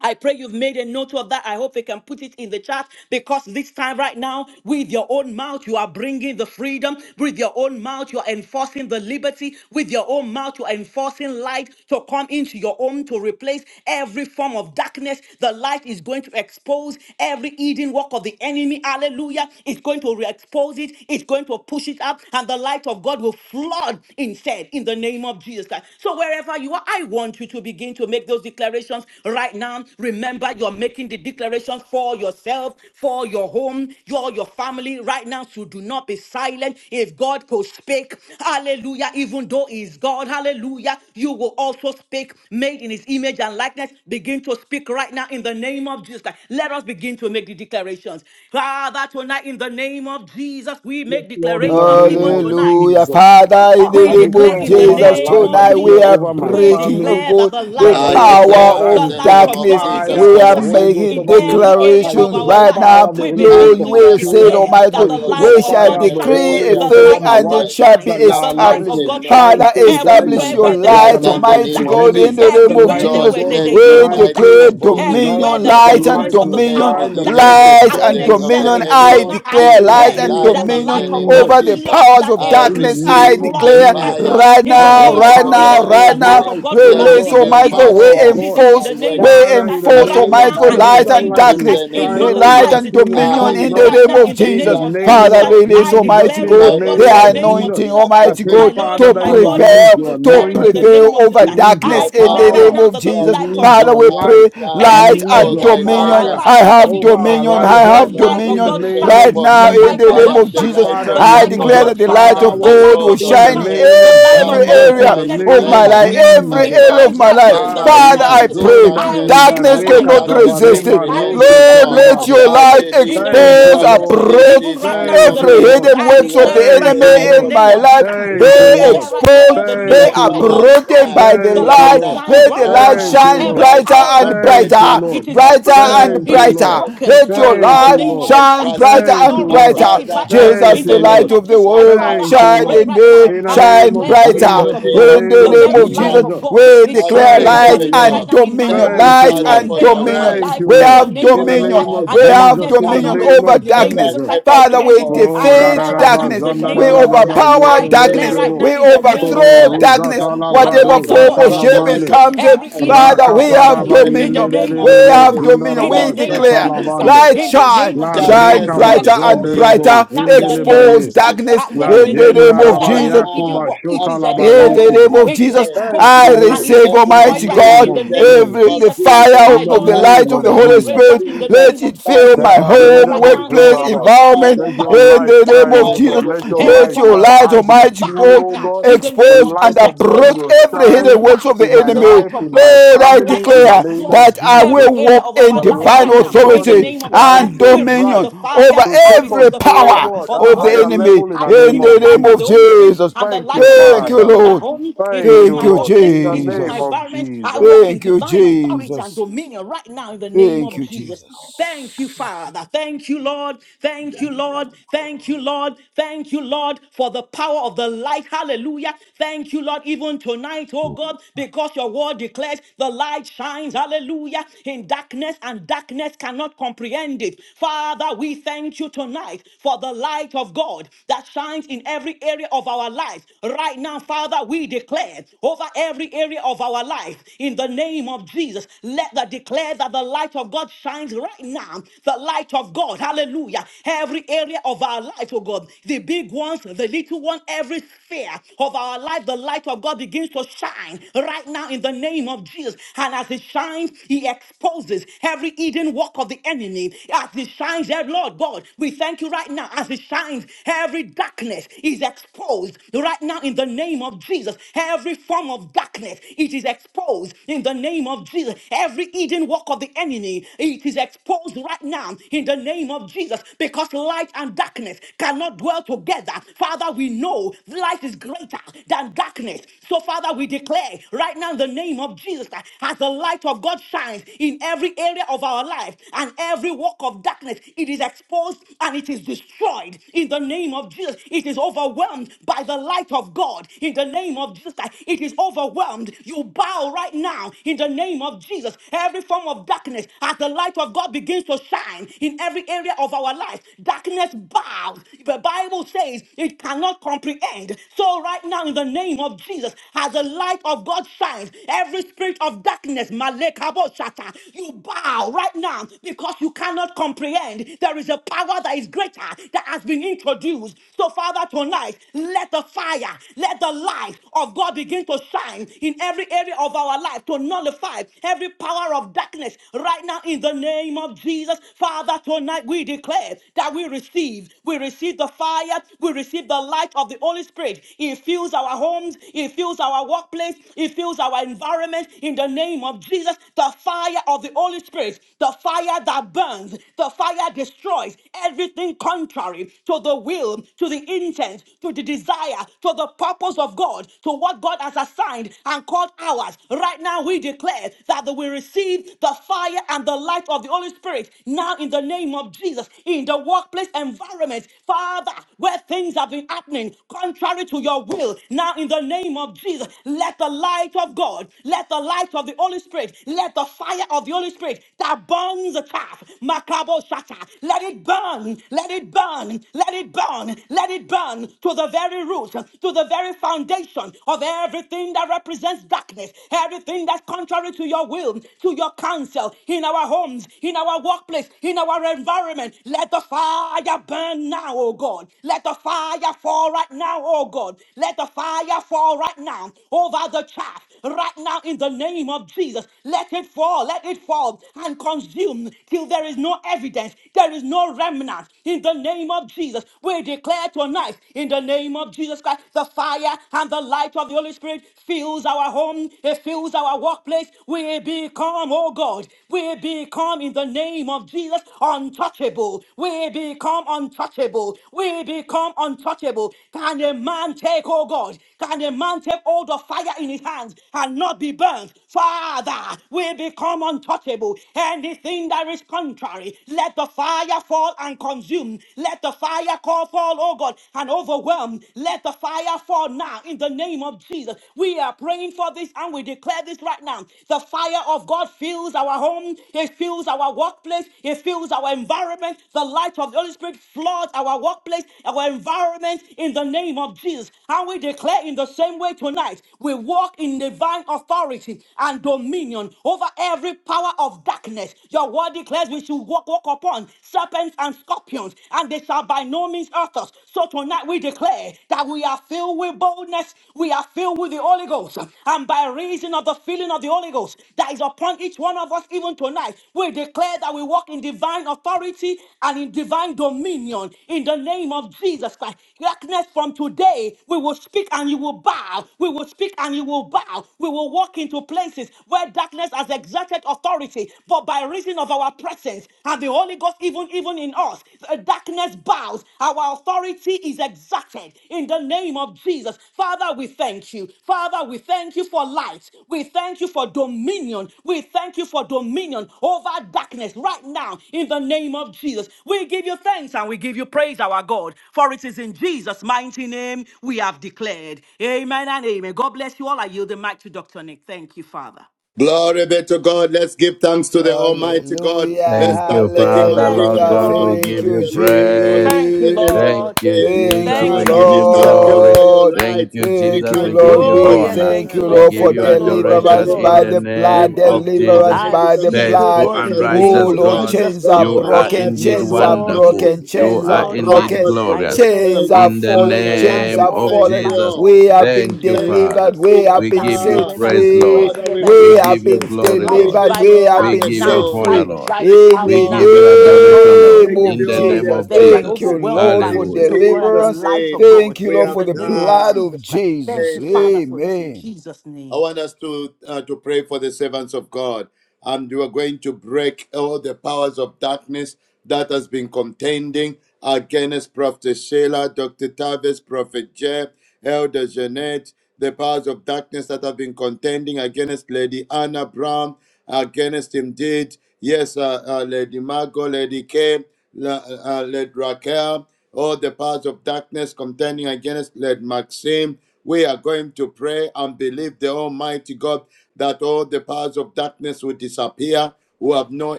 I pray you've made a note of that. I hope you can put it in the chat because this time right now, with your own mouth, you are bringing the freedom. With your own mouth, you are enforcing the liberty. With your own mouth, you are enforcing light to come into your own to replace every form of darkness. The light is going to expose every hidden work of the enemy. Hallelujah. It's going to re expose it, it's going to push it up, and the light of God will flood instead in the name of Jesus Christ. So, wherever wherever you are, I want you to begin to make those declarations right now. Remember, you're making the declarations for yourself, for your home, your, your family right now. So do not be silent. If God could speak, hallelujah, even though He's God, hallelujah, you will also speak made in His image and likeness. Begin to speak right now in the name of Jesus. Let us begin to make the declarations. Father, tonight in the name of Jesus, we Yes, make Lord, in the declarations name even of tonight. Hallelujah. Jesus. Father, Ah, in the We I name declare declare of in the over my Jesus, name life, of I tonight declare we are Jesus, over my we breaking, oh family. declare that God, the that, the light I of oh God, power God, declare I the in of the receive light the name of of darkness. God fire Jesus begins to We of the Christ, are the Holy shine Son of Ghost the making in over living me. every God, I area of declarations receive our the right right life. fire now. now, of the We Holy I Ghost Lord, believe for you and my we will declare that say, the children. declare light Almighty I that of God, the God receive the light we of shines shall God in fire of the every shines, decree Holy a area the Ghost of over thing light my my of and God it wife. life. shall be shines, That the our Darkness light light of established. will God cannot shine shines. Father, so resist bright it. establish Everywhere and your where there darkness is a Right light, now, cannot form in the of Almighty name of darkness, comprehend God, it. in the Jesus, The name of everywhere light there Lord, of Jesus. where God there's a let will hint your We shine of light through declare darkness, and through expose in us. everywhere and dominion, that the light The light and influence uproot light of will the dominion, power every shine. of The hidden light darkness work of light has of been God and the will of the dominion. shine exerted. So I through enemy us. now I declare in In my the light declare and time name life. of that the In dominion the light of name God of Jesus. over the Jesus, floods powers that of I area. In the darkness. He I receive name of the floods it declare right Jesus. now. fire right In the and Ah, the now, the name light of right of the now, power Jesus, Holy right the of now, light Spirit. of life, God oh Let floods it release, God, it. the fill He Almighty God, my power we of home, exposes God. it in my enforce, the name of we Jesus Father, workplace, in Christ the and enforce, my right name of Almighty now. God, And in Jesus, the light environment that and name of light Jesus in will darkness, the Christ, it name shine, of eh, oh light God, nullifies Jesus. and its through and power dominion I through in in the us. right name now. declare of In the In the Jesus. name that of I name Jesus Father, of Christ, walk release, I in Jesus, Almighty declare in it, the God, oh divine God, the name in the of name authority of Jesus, anointing, Jesus and I Christ, Almighty pray, my God, dominion Lord Father, to and that my you over God, I release prevail, your every to to declare it power in the of anointing, prevail name of Jesus over darkness. Christ. release your darkness My I in the declare Father, right you power, name have now of that the declared, Jesus. light Nick, of release Father, your God we pray light, arise, shine, light every release for and area your thy of light dominion. our fire has lives, I oh come God, have over even the right our dominion. now, glory I lives of the right the have Lord now light is of in the dominion God risen name right of shines, upon now the me. in Jesus light the of I Christ. name God am of the Jesus. shines, light Father, the of I this light release of declare world your that God the and shines, light I of am the power the God light will salt of of in God the shine the in shines, earth. name the of light of every God, Father, Jesus, which in area the I darkness of name cannot my of life, declare, comprehend. every my It Jesus. area of God, shines my right life. now the in the Ah, light name Father, of I shines Jesus. in pray exonda I darkness receive the darkness and the light ibareka of cannot the Holy darkness resist Spirit. it. zabarema I comprehend roto receive it the Lord, not. fire let of the solibade. your Holy I light Spirit in believe, the oh Thank name you, expose, of God, Jesus. Lord. Christ. this Even is approach, right my now, in Thank the you, Every name of moment Lord. Jesus, hidden I to works of walk declare the it in right Thank enemy the now you, in the light in Lord. of name my of Jesus. God. life Christ. be In Thank I the you, Lord. declare light of right now in God, the exposed, be name Thank of let Jesus, you, your Christ, the Lord. light uprooted light shine by the the Thank you, light. light Lord. brighter shines and Let the right light now, Thank brighter and you, shine Lord. every brighter brighter power of and and Thank darkness, you, brighter, brighter it Lord. is brighter unto the broken. and Thank It you, is perfect Lord. brighter. day. broken Let My your right now in Thank the light you, Father, name Lord. of I Jesus shine Christ. trust It you. brighter Thank cannot and you, My Lord. resist brighter. it Father, right I now Thank in Jesus, the the you, believe name light Lord. you. of of the Jesus My Christ. world, Father, Thank I Father, you, shine I Lord. pray in right me, call now, In the and upon I you name shine of declare the in brighter. light the Jesus, of in the name God, of In name the the of Jesus name very of light Jesus, Christ, Jesus. of God, the we it Son of declare shines, the oh Thank you, light God, living even Lord. right and God. now in my dominion, Thank home, Light you, Thank you, light in Father, Lord. every and for area your of my dominion. light. Thank life, you, We in Lord. the Thank have you name In for of the Jesus your dominion. name Christ, of life and We the that is have Jesus, darkness in the dominion cannot, shining name of over in the more name of than darkness. Jesus Jesus. Christ, ever Father, comprehend we it. before. Oh, I ra ra declare defeat ra right Darkness ba now is in darkness. the zanda name ra We of ra Jesus ra disappearing ba Christ. ye overpower I ken de declare darkness. completely right bo. now We in the from my name of Oh, Jesus overthrow life, Christ. darkness. from ruzata la my And the Whatever light brado family, of form God zata or la from the shape it work exposes mande. of comes my in, every hands, hidden Father, work from we of my the Rakata ra have enemy ba destiny, ye in the le dominion. de from name de We my of de Jesus bo have calling. Christ. zunda dominion. ra In the We ba name Darkness of shata is la Jesus declare Christ. bando. light In the disappearing. shine, name of La Jesus Christ. shine Darkness reka is He ba brighter and zonde exposes de it disappearing. bo brighter. right now in zinde the le ba name Darkness of Expose is Jesus Christ. darkness I La elect in the in disappearing. the name of name zenda Jesus ra of Christ ba Right every ya Jesus. hidden now, work. It shota is la Abba ba In the exposed. Father, name I of It is Jesus, pray, Thank I exposed you, I and Lord. it receive is In the declare destroyed Almighty right now name in God, in of the the name of name every Jesus. of the Jesus Christ. Jesus fire In My the of Lord the and by my name light the of of God, the I Holy blood of pray, Jesus. Spirit. God, in the Jesus, Let name it of by fill Jesus the my Christ. fire of Even the home, right Holy now, in the workplace, Ghost. name of Kabaredabozundaba. Jesus Christ, environment. Father, Let your thank bow. In light you. the shine, name of Darkness I O give Jesus, God. you bows. Let your Every glory. let light form your of shine. light, I darkness, you Almighty bow decree, right God, O now God, in the the expose name of light and Jesus, like of to the God approach will light, every to the hidden shine works light, of the in my to the enemy. life, light of in my God. Lord, As I the light family, of in the declare God name of floods that I every will Jesus. area walk of in our The lives divine right light now, of in God the authority will name of Jesus shine Christ, and we so receive bright dominion the fire. over to I take us every receive the to, O fire power God, of the a of the Holy higher Spirit. enemy level in I the in name receive the of the light name of of the Jesus. Holy Spirit, Jesus. and the Thank light you, of the Holy Thank Spirit you, Father. fills my Lord. home. It Thank fills Thank you, my you, Lord, workplace. in the It fills my name Jesus. of environment. I Jesus. walk in Thank you, divine authority and Jesus. dominion right now in the name Thank of you, Jesus. Thank you, Jesus. Father. Thank you, Lord. Lord. Thank you, Lord. Thank you, Lord. Thank you, Lord, for the power of the light. Hallelujah. Thank you, Lord, even tonight, oh God, because your word declares the light shines. Hallelujah. In darkness, and darkness cannot comprehend it. Father, we thank you tonight for the light of God that shines in every area of our life. Right now, Father, we declare over every area of our life in the name of Jesus. Let the declare that the light of God shines right now now the light of God, hallelujah, every area of our life, oh God, the big ones, the little one, every sphere of our life, the light of God begins to shine right now in the name of Jesus. And as it shines, He exposes every hidden work of the enemy. As it shines, eh, Lord God, we thank you right now. As it shines, every darkness is exposed right now in the name of Jesus. Every form of darkness, it is exposed in the name of Jesus. Every hidden work work of the enemy. It is exposed right now in the name of Jesus because light and darkness cannot dwell together. Father, we know light is greater than darkness. So, Father, we declare right now in the name of Jesus that as the light of God shines in every area of our life and every work of darkness, it is exposed and it is destroyed in the name of Jesus. It is overwhelmed by the light of God in the name of Jesus. It is overwhelmed. You bow right now in the name of Jesus. Every form of darkness, as the light of God begins to shine in every area of our life, darkness bows. The Bible says it cannot comprehend. So, right now, in the name of Jesus, as the light of God shines, every spirit of darkness, Malekabosata, you bow right now because you cannot comprehend. There is a power that is greater that has been introduced. So, Father, tonight, let the fire, let the light of God begin to shine in every area of our life to nullify every power of darkness right now in the name of Jesus. Father, tonight we declare that we receive, we receive the fire, we receive the light of the Holy Spirit. It fills our homes, it fills our workplace, it fills our environment in the name of Jesus. The fire of the Holy Spirit, the fire that burns, the fire destroys everything contrary to the will, to the intent, to the desire, to the purpose of of God to what God has assigned and called ours. Right now, we declare that we receive the fire and the light of the Holy Spirit now in the name of Jesus in the workplace environment, Father, where things have been happening contrary to your will. Now, in the name of Jesus, let the light of God, let the light of the Holy Spirit, let the fire of the Holy Spirit that burns the chaff, Makabo Shata, let it burn, let it burn, let it burn, let it burn to the to the very root, to the very foundation of everything that represents darkness, everything that's contrary to your will, to your counsel, in our homes, in our workplace, in our environment. Let the fire burn now, oh God. Let the fire fall right now, oh God. Let the fire fall right now over the chaff, right now in the name of Jesus. Let it fall, let it fall and consume till there is no evidence, there is no remnant in the name of Jesus. Jesus. We declare tonight, in the name of Jesus Christ, the fire and the light of the Holy Spirit fills our home, it fills our workplace. We become, oh God, we become in the name of Jesus untouchable. We become untouchable. We become untouchable. Can a man take, oh God? Can a man take hold of fire in his hands and not be burnt? Father, we become untouchable. Anything that is contrary, let the fire fall and consume. Let the fire call fall, oh God, and overwhelm. Let the fire fall now in the name of Jesus. We are praying for this and we declare this right now. The fire of God fills our home, it fills our workplace, it fills our our environment. The light of the Holy Spirit floods our workplace, our environment in the name of Jesus. And we declare in the same way tonight, we walk in divine authority and dominion over every power of darkness. Your word declares we should walk, walk upon serpents and scorpions, and they shall by no means hurt us. So tonight we declare that we are filled with boldness, we are filled with the Holy Ghost, and by reason of the filling of the Holy Ghost that is upon each one of us, even tonight, we declare that we walk in divine authority and in divine dominion in the name of Jesus Christ. Darkness from today, we will speak and you will bow. We will speak and you will bow. We will walk into places where darkness has exerted authority, but by reason of our presence and the Holy Ghost, even even in us, the darkness bows, our authority is exacted in the name of Jesus. Father, we thank you. Father, we thank you for light. We thank you for dominion. We thank you for dominion over darkness right now in the name of Jesus. We give you thanks and we give you praise, our God, for it is in Jesus' mighty name we have declared. Amen and amen. God bless you all. I yield the mic to Dr. Nick. Thank you, Father. Glory be to God. Let's give thanks to the Almighty God. Hallelujah, Let's Thank you, thank the King Father, of Kings, Lord the hallelujah. King God. of We Thank give Glory, you, you the Lord of Lords, praise. the Jesus. Ancient of Thank you, Days. Thank Jesus. you, Thank We you, Father, give we you thank Jesus. you glory. for your Lord. Thank light. you, We Thank Jesus. you, We thank you give Lord. for you Oh, We yes, honor. thank thank you, you, protection. We Lord. Lord, give We for Thank you you, thank you Lord. for Thank you, adoration deliverance Lord. in by the the deliverance. We blood, name of thank you, Jesus. deliverance I Almighty by the God, receive that it, oh blood. Faithful God, darkness in and has the name Oh, righteous of Lord, disappeared God, chains from Jesus. are you our are broken, lives, indeed from Yes, chains are our Lord, it wonderful. families, is, broken, You yes, from chains are are our Lord, indeed broken, households, lights. from I glorious. our Chains! declare the chains church. are In lights. the fallen, Father, The we are light chains name saying are falls, of the thank fallen. light Jesus. you. falls We in my have been Thank you, home. Thank you, Father. Every delivered, we form Jesus. of have We been give darkness, you set whether praise, it's free. Lord. sickness, Father, we whether it's We We bless give have disease, you been you. the glory, We Lord. light delivered, give you drives we it have all We out the been give set you now. free. glory. honor, Light Lord. drives We it give In you out We the now. all give the you Yes, praise. Lord, in adoration, the Lord, name We name give of in of you the all Jesus, name the Jesus. of there is an Thank Jesus. you, adoration. overwhelming Lord, by the for In Spirit Hallelujah. of God and the Jesus' deliverance. light name, of God Thank you, we Lord, in have for the the name of blood done. of Jesus Christ. Thank Jesus. you, Amen. Father, for this in Amen. Jesus' I name. want us to uh, to pray for the servants of God, and we are going to break all the powers of darkness that has been contending against Prophet Sheila, Doctor Tavis, Prophet Jeb, Elder Jeanette, the powers of darkness that have been contending against Lady Anna Brown, against indeed, yes, uh, uh, Lady Margot, Lady Kay, La, uh, uh, Lady Raquel all the powers of darkness contending against, let Maxim. We are going to pray and believe the Almighty God that all the powers of darkness will disappear, who have no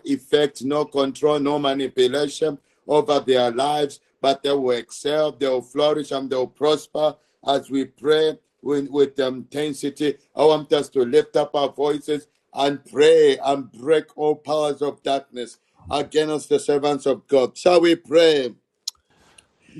effect, no control, no manipulation over their lives, but they will excel, they will flourish, and they will prosper as we pray with, with intensity. I want us to lift up our voices and pray and break all powers of darkness against the servants of God. Shall we pray?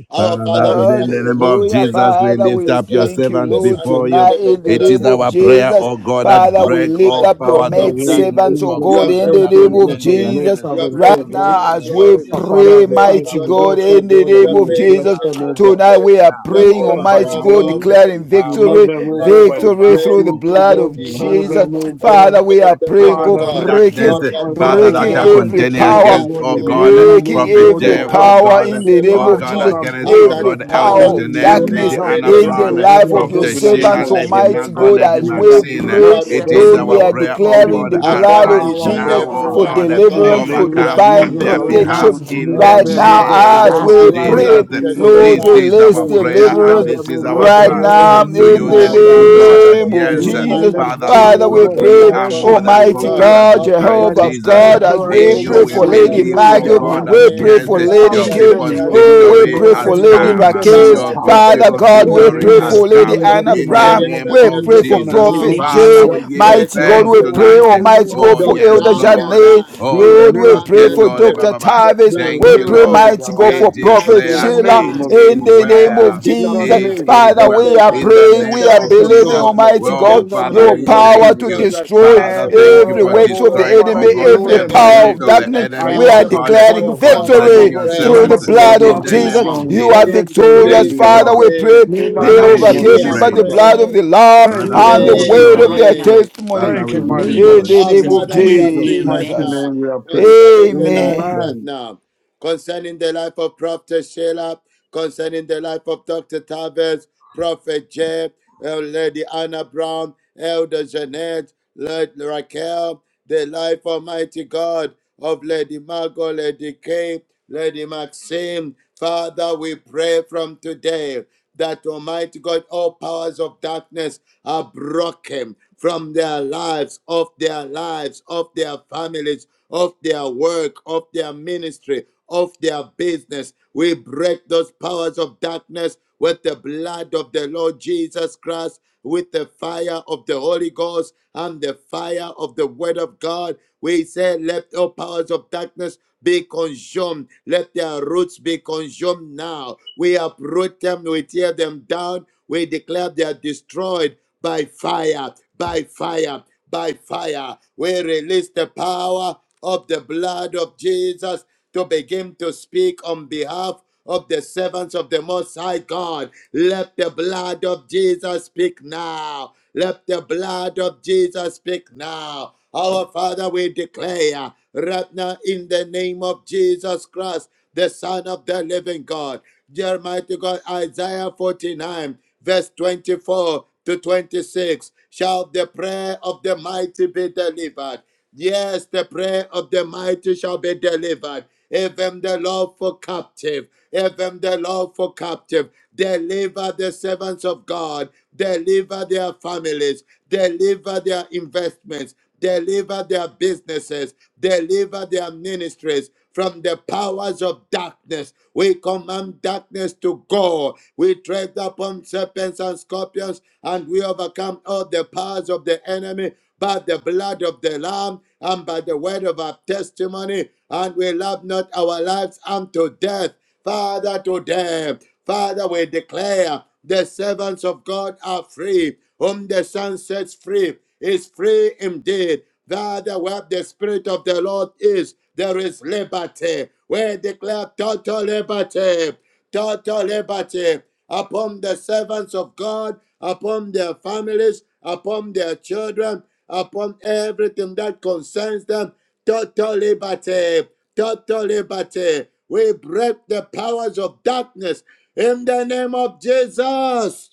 Our Father, now Father, in we come the to name you of in Hallelujah, the name Jesus, of we Father. lift We Jesus up your Christ, thank you, servants the Lord, Son of before the you. tonight living in the God, It and is name we of come our to prayer, Jesus. pray O God, that that Father, we break lift all Almighty up your God, powers you In the are maid of name of darkness, faithful. servants, oh O Jesus, You God, are we God, in that thank the are faithful, you, O name King of of God, for the contending kings. maid Jesus. against You your are servant, O Right faithful, servants in God. King the now, of as name of we glory. Our Jesus. You are Father, pray, as the faithful, Father, mighty fellowship we Lord with of God, us, pray. O for in lords. the God, that You name you are of will faithful, bless Jesus, them, O Ancient arise of God. tonight days. even we are now. You You are know praying, them by faithful, Almighty O Overcome God, on name. powerful their declaring God. You behalf. Our know victory, them, O Let God, Father, by your we the victory power, pray through the oh giftings, O in blood the God, God. of You name of know Father, Jesus. them, O Jesus Christ, overcome the God. the Father, Son we of are great the praying, powers living Father, God, of God. darkness, breaking, Abba whatever, Father, O breaking that are God, Father, that every power contending whatever, be O power, thou against, God, oh they may God, need, glorified breaking O Prophet in God, every the Jeff, your life oh help. of power God, your in So the servant, name oh of Tonight, O God, God. Lord, Jesus, I'm against, And praying oh that, every God, that Elder Father, power you of will Janelle, you release darkness Lady are help Anna for in them releasing the from Brown, your heaven life of your presence. above Prophet in the name Sheila, You servants, of are Jesus. Lady Almighty Margot, releasing God, your Lady as You will we power. Maxine. release You pray, help are for It them, is Lord, O releasing we our your are God. prayer, oh anointing You will declaring God, the give them blood upon arise of each power and from Jesus now, every oh on for high. one, God, oh In the God. deliverance, for name of overcome Right now, divine on Jesus, may their our you Lord, you behalf protection will touch, in oh deliver the right them, O now Father, God, from name as all the the of we life of plans pray, of the Jesus. Dr. evil one. Lord, This Sheila, is release You our will Dr. prayer deliver and Tavis, deliverance this them, is O our God, from right Prophet cry all the now Jeff, to in you, schemes the the of Father, the living the evil God, one. life that of name of You yes, will Lady set Jesus. Anna them Father, Brown, free, Lord Father, O we God, God, the we pray, from life are of every more than Mighty sin, Almighty O God, God, conquerors God, in of Lady Christ that Jehovah is Jesus. God, Raquel, as contrary, In we O you Lady pray God, we to for your Margot, Lady believe, will in oh their Margot, Lady God, life. that we Kim, pray yes, for Lady your Establish Father, Kim, the them in people's your life of oh, word. we Lady victory pray has for Lady Maxim, Establish come. them in Raquel, your Your Father, big power. today Father people's God, In we the we victory pray name of pray has for Lady for come. your Jesus, Anna in In the the Brown, name exceeding of name we of greatness pray of Jesus, for in your the Jesus. name of Prophet power, Father, J, Jesus. your we give you Mighty presence God, Lord, from thanks we your do pray, only tonight. only anointing Almighty what Oh God, to for you yes, Elder can flood do. their Lord. Janet, lives, Oh Do a to Lord, we lebras flood miracle, pray their O for ketori God. Dr. spirit, bababa. to Tavis, flood Do a Thank we their you, pray, miracle Lord. souls. in their Mighty lives. God, We That for light Prophet In will the declare Sheila, name it shine of is in and the Jesus name Christ. darkness of well. In the Jesus. It disappears name of is Father, from well. Jesus we the are Christ. In lives the of the praying, name we are Thank servants of of you so believing, Jesus. much, God, Lord. Almighty from their God, Well, In the Father, your families, we name from of power their thank Jesus to you. Christ. children, destroy and Father, from Every their thank one you of every for them, children's works oh of the God, destroying, children. Father, oh enemy, you God, In know every the them every by name work power of of name. of the darkness. Jesus I enemy, We use oh are them Christ, as the God, point declaring our of God, we contact, concerning oh victory your God, to pray, through servant. the members of their blood In of even the family. name Jesus. now. of You are Jesus. Lord, let In your will victorious, Thank be you, Jesus' Father. done. We Lord. pray name, In the they Father, we name give of you we overcame him are by Jesus praise. the Christ. blood of prayed. the Lamb Thank Father, you we and so the give much, you word Lord. of glory. their Amen. testimony. Father, Thank we you, give mighty you In God. the Our adoration. name In of Father, we Jesus' agree right mighty Jesus. now name we are prayed. concerning the life Amen. right Amen. now concerning the life of Prophet Sheila, concerning the life of Dr. Tavis, Prophet Jeb, uh, Lady Anna Brown, Elder Jeanette, Lady Raquel, the life Almighty God of Lady Margot, Lady Kay, Lady Maxine. Father, we pray from today that Almighty God, all powers of darkness are broken from their lives, of their lives, of their families, of their work, of their ministry, of their business. We break those powers of darkness with the blood of the Lord Jesus Christ, with the fire of the Holy Ghost and the fire of the Word of God. We say, let all powers of darkness be consumed. Let their roots be consumed now. We uproot them, we tear them down. We declare they are destroyed by fire, by fire, by fire. We release the power of the blood of Jesus to begin to speak on behalf of the servants of the Most High God. Let the blood of Jesus speak now. Let the blood of Jesus speak now. Our Father, we declare right now in the name of Jesus Christ, the Son of the living God. Jeremiah to God, Isaiah 49, verse 24 to 26. Shall the prayer of the mighty be delivered? Yes, the prayer of the mighty shall be delivered. Even the Lord for captive, even the Lord for captive. Deliver the servants of God, deliver their families, deliver their investments, deliver their businesses, deliver their ministries from the powers of darkness. We command darkness to go. We tread upon serpents and scorpions, and we overcome all the powers of the enemy by the blood of the Lamb and by the word of our testimony. And we love not our lives unto death. Father, today, Father, we declare the servants of God are free. Whom the Son sets free is free indeed. Father, where the Spirit of the Lord is, there is liberty. We declare total liberty total liberty upon the servants of God, upon their families, upon their children, upon everything that concerns them. Total liberty, total liberty. We break the powers of darkness in the name of Jesus.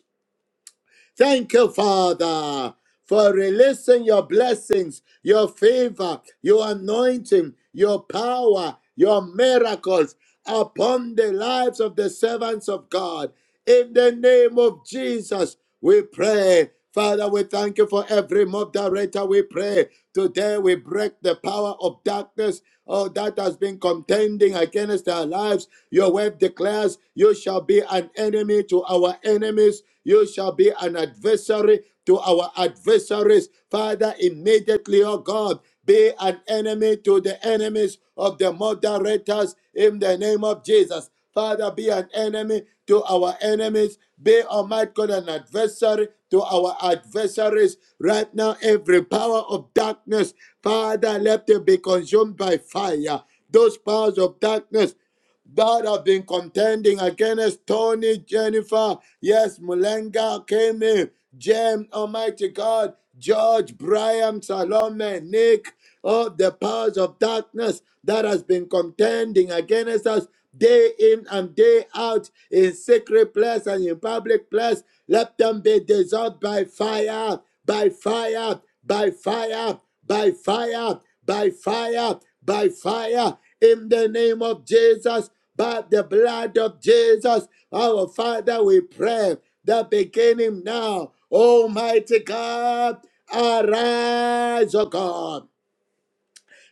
Thank you, Father, for releasing your blessings, your favor, your anointing, your power, your miracles upon the lives of the servants of God. In the name of Jesus, we pray. Father, we thank you for every moderator. We pray today we break the power of darkness oh, that has been contending against our lives. Your word declares, You shall be an enemy to our enemies, you shall be an adversary to our adversaries. Father, immediately, oh God, be an enemy to the enemies of the moderators in the name of Jesus. Father, be an enemy to our enemies. Be, Almighty God, an adversary to our adversaries. Right now, every power of darkness, Father, let it be consumed by fire. Those powers of darkness that have been contending against Tony, Jennifer, yes, Mulenga, Kemi, James, Almighty God, George, Brian, Salome, Nick of the powers of darkness that has been contending against us day in and day out in secret place and in public place. Let them be dissolved by fire, by fire, by fire, by fire, by fire, by fire, in the name of Jesus, by the blood of Jesus. Our Father, we pray that beginning now, Almighty God, arise, O God.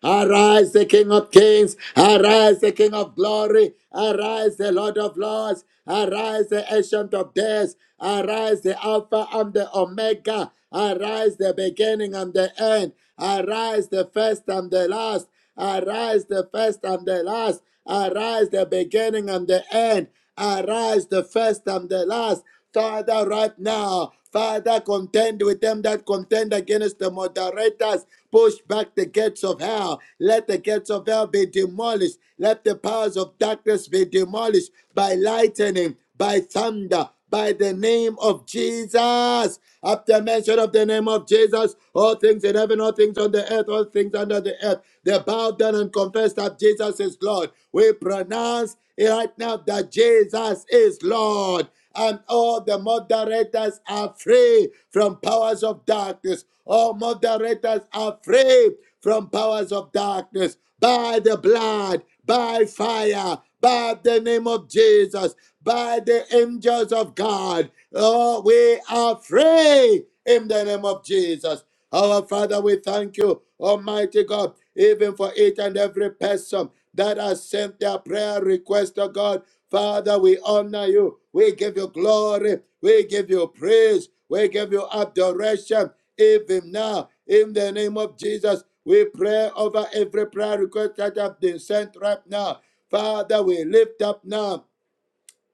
Arise, the King of Kings. Arise, the King of Glory. Arise, the Lord of Lords. Arise, the Ancient of Days. Arise, the Alpha and the Omega. Arise, the beginning and the end. Arise, the first and the last. Arise, the first and the last. Arise, the beginning and the end. Arise the first and the last. Father, right now, Father, contend with them that contend against the moderators. Push back the gates of hell. Let the gates of hell be demolished. Let the powers of darkness be demolished by lightning by thunder, by the name of Jesus. At the mention of the name of Jesus, all things in heaven, all things on the earth, all things under the earth, they bowed down and confessed that Jesus is Lord. We pronounce right now that Jesus is Lord and all the moderators are free from powers of darkness. All moderators are free from powers of darkness by the blood, by fire, by the name of Jesus, by the angels of God. Oh, we are free in the name of Jesus. Our Father, we thank you, Almighty God even for each and every person that has sent their prayer request to God. Father, we honor you. We give you glory. We give you praise. We give you adoration. Even now, in the name of Jesus, we pray over every prayer request that have been sent right now. Father, we lift up now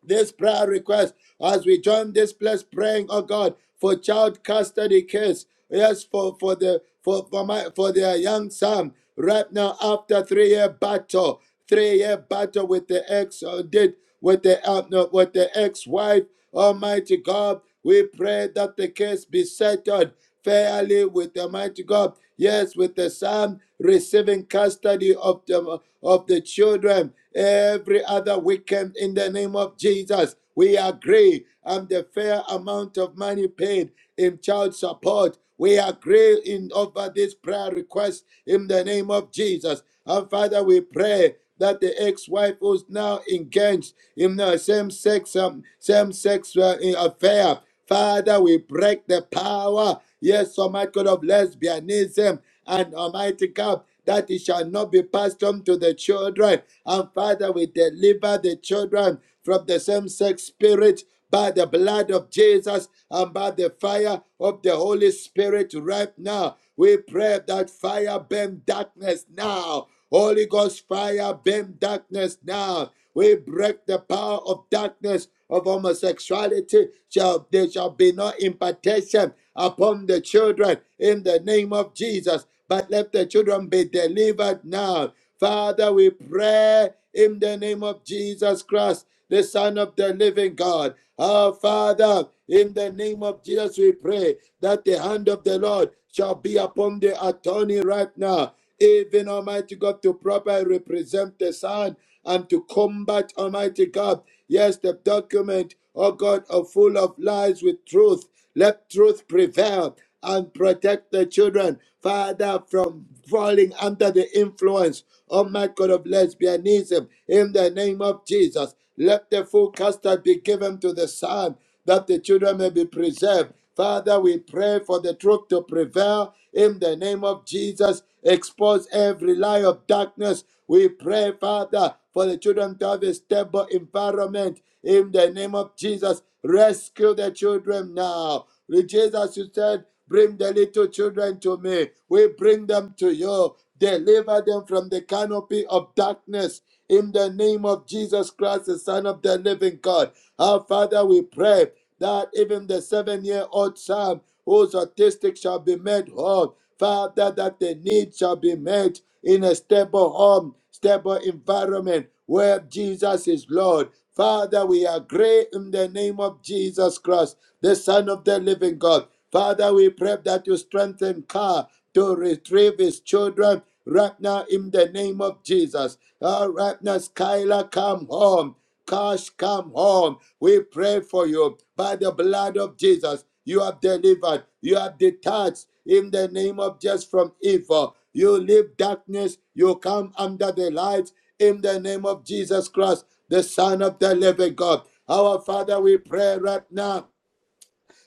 this prayer request as we join this place praying oh god for child custody case yes for for the for for my for their young son right now after three year battle three year battle with the ex uh, did with the uh, no, with the ex-wife almighty god we pray that the case be settled fairly with the mighty god Yes, with the son receiving custody of the, of the children every other weekend in the name of Jesus. We agree on the fair amount of money paid in child support. We agree in over this prayer request in the name of Jesus. And Father, we pray that the ex-wife who's now engaged in the same-sex um, same-sex uh, affair Father, we break the power, yes, Almighty God of lesbianism and Almighty God, that it shall not be passed on to the children. And Father, we deliver the children from the same sex spirit by the blood of Jesus and by the fire of the Holy Spirit right now. We pray that fire burn darkness now. Holy Ghost fire burn darkness now. We break the power of darkness of homosexuality. Shall there shall be no impartation upon the children in the name of Jesus. But let the children be delivered now. Father, we pray in the name of Jesus Christ, the Son of the living God. Our Father, in the name of Jesus, we pray that the hand of the Lord shall be upon the attorney right now, even Almighty God, to properly represent the Son and to combat, Almighty God. Yes, the document, oh God, are full of lies with truth. Let truth prevail and protect the children, Father, from falling under the influence, oh my God, of lesbianism. In the name of Jesus, let the full custard be given to the Son that the children may be preserved. Father, we pray for the truth to prevail in the name of Jesus. Expose every lie of darkness. We pray, Father, for the children to have a stable environment in the name of Jesus. Rescue the children now. Lord Jesus, you said, Bring the little children to me. We bring them to you. Deliver them from the canopy of darkness in the name of Jesus Christ, the Son of the living God. Our Father, we pray that even the seven year old son whose autistic shall be made whole, Father, that the need shall be met in a stable home, stable environment where Jesus is Lord. Father, we agree in the name of Jesus Christ, the Son of the living God. Father, we pray that you strengthen Car to retrieve his children Right now, in the name of Jesus. All right now, Skylar, come home. Cash, come home. We pray for you by the blood of Jesus. You are delivered. You are detached in the name of just from evil. You leave darkness. You come under the light in the name of Jesus Christ, the Son of the living God. Our Father, we pray right now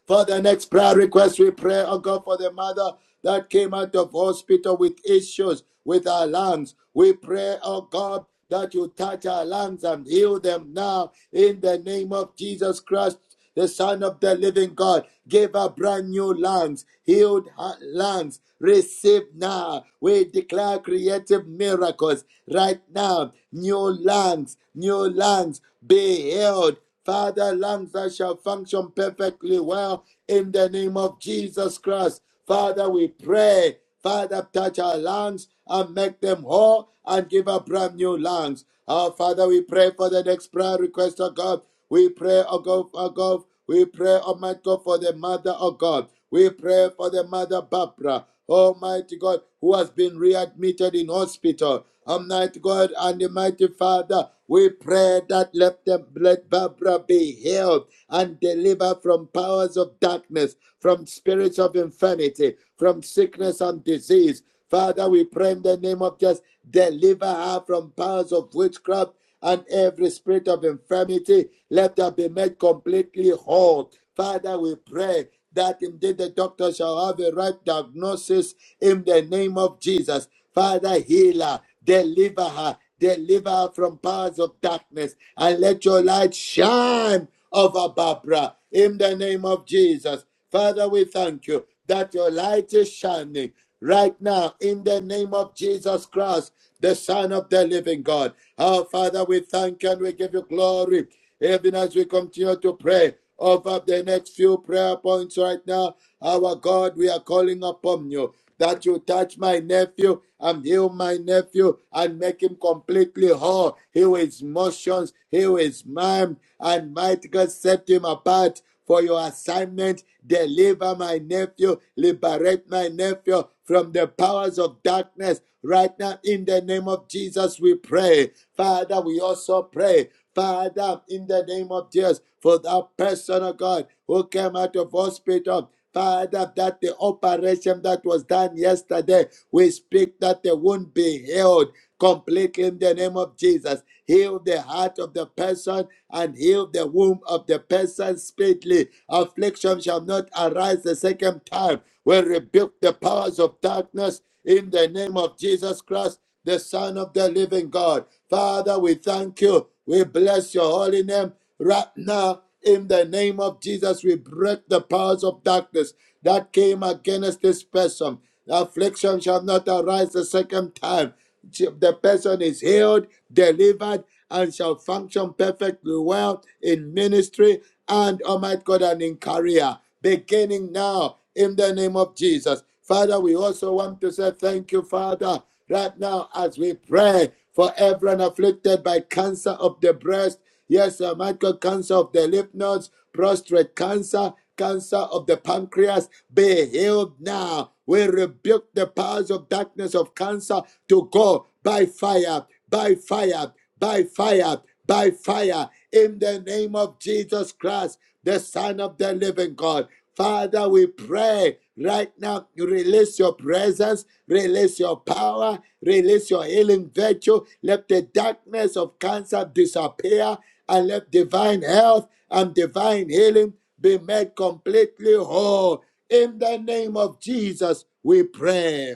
for the next prayer request, we pray, oh God, for the mother that came out of hospital with issues with her lungs. We pray, oh God, that you touch her lungs and heal them now in the name of Jesus Christ the Son of the Living God, give her brand new lungs, healed her lungs. Receive now. We declare creative miracles right now. New lungs, new lungs, be healed. Father, lungs that shall function perfectly well in the name of Jesus Christ. Father, we pray. Father, touch our lungs and make them whole and give us brand new lungs. Our Father, we pray for the next prayer request, of God. We pray, oh God, oh God we pray, Almighty God, for the mother of God. We pray for the mother Barbara, Almighty God, who has been readmitted in hospital. Almighty God and the mighty Father, we pray that let them let Barbara be healed and delivered from powers of darkness, from spirits of infirmity, from sickness and disease. Father, we pray in the name of Jesus, deliver her from powers of witchcraft and every spirit of infirmity, let her be made completely whole. Father, we pray that indeed the doctor shall have a right diagnosis in the name of Jesus. Father, heal her, deliver her, deliver her from powers of darkness, and let your light shine over Barbara in the name of Jesus. Father, we thank you that your light is shining right now in the name of Jesus Christ, the Son of the living God. Our Father, we thank you and we give you glory. Even as we continue to pray over the next few prayer points right now, our God, we are calling upon you that you touch my nephew and heal my nephew and make him completely whole. Heal his motions, heal his mind, and might God set him apart for your assignment. Deliver my nephew, liberate my nephew from the powers of darkness. Right now, in the name of Jesus, we pray. Father, we also pray. Father, in the name of Jesus, for that person, oh God, who came out of hospital Father, that the operation that was done yesterday, we speak that they won't be healed completely in the name of Jesus. Heal the heart of the person and heal the womb of the person speedily. Affliction shall not arise the second time. We rebuke the powers of darkness in the name of Jesus Christ the Son of the living God. Father, we thank you. We bless your holy name right now. In the name of Jesus, we break the powers of darkness that came against this person. Affliction shall not arise the second time. The person is healed, delivered, and shall function perfectly well in ministry and, Almighty God, and in career. Beginning now, in the name of Jesus. Father, we also want to say thank you, Father, right now as we pray for everyone afflicted by cancer of the breast. Yes, uh, Michael, cancer of the lymph nodes, prostate cancer, cancer of the pancreas, be healed now. We rebuke the powers of darkness of cancer to go by fire, by fire, by fire, by fire in the name of Jesus Christ, the Son of the living God. Father, we pray right now, you release your presence, release your power, release your healing virtue. Let the darkness of cancer disappear and let divine health and divine healing be made completely whole. In the name of Jesus, we pray.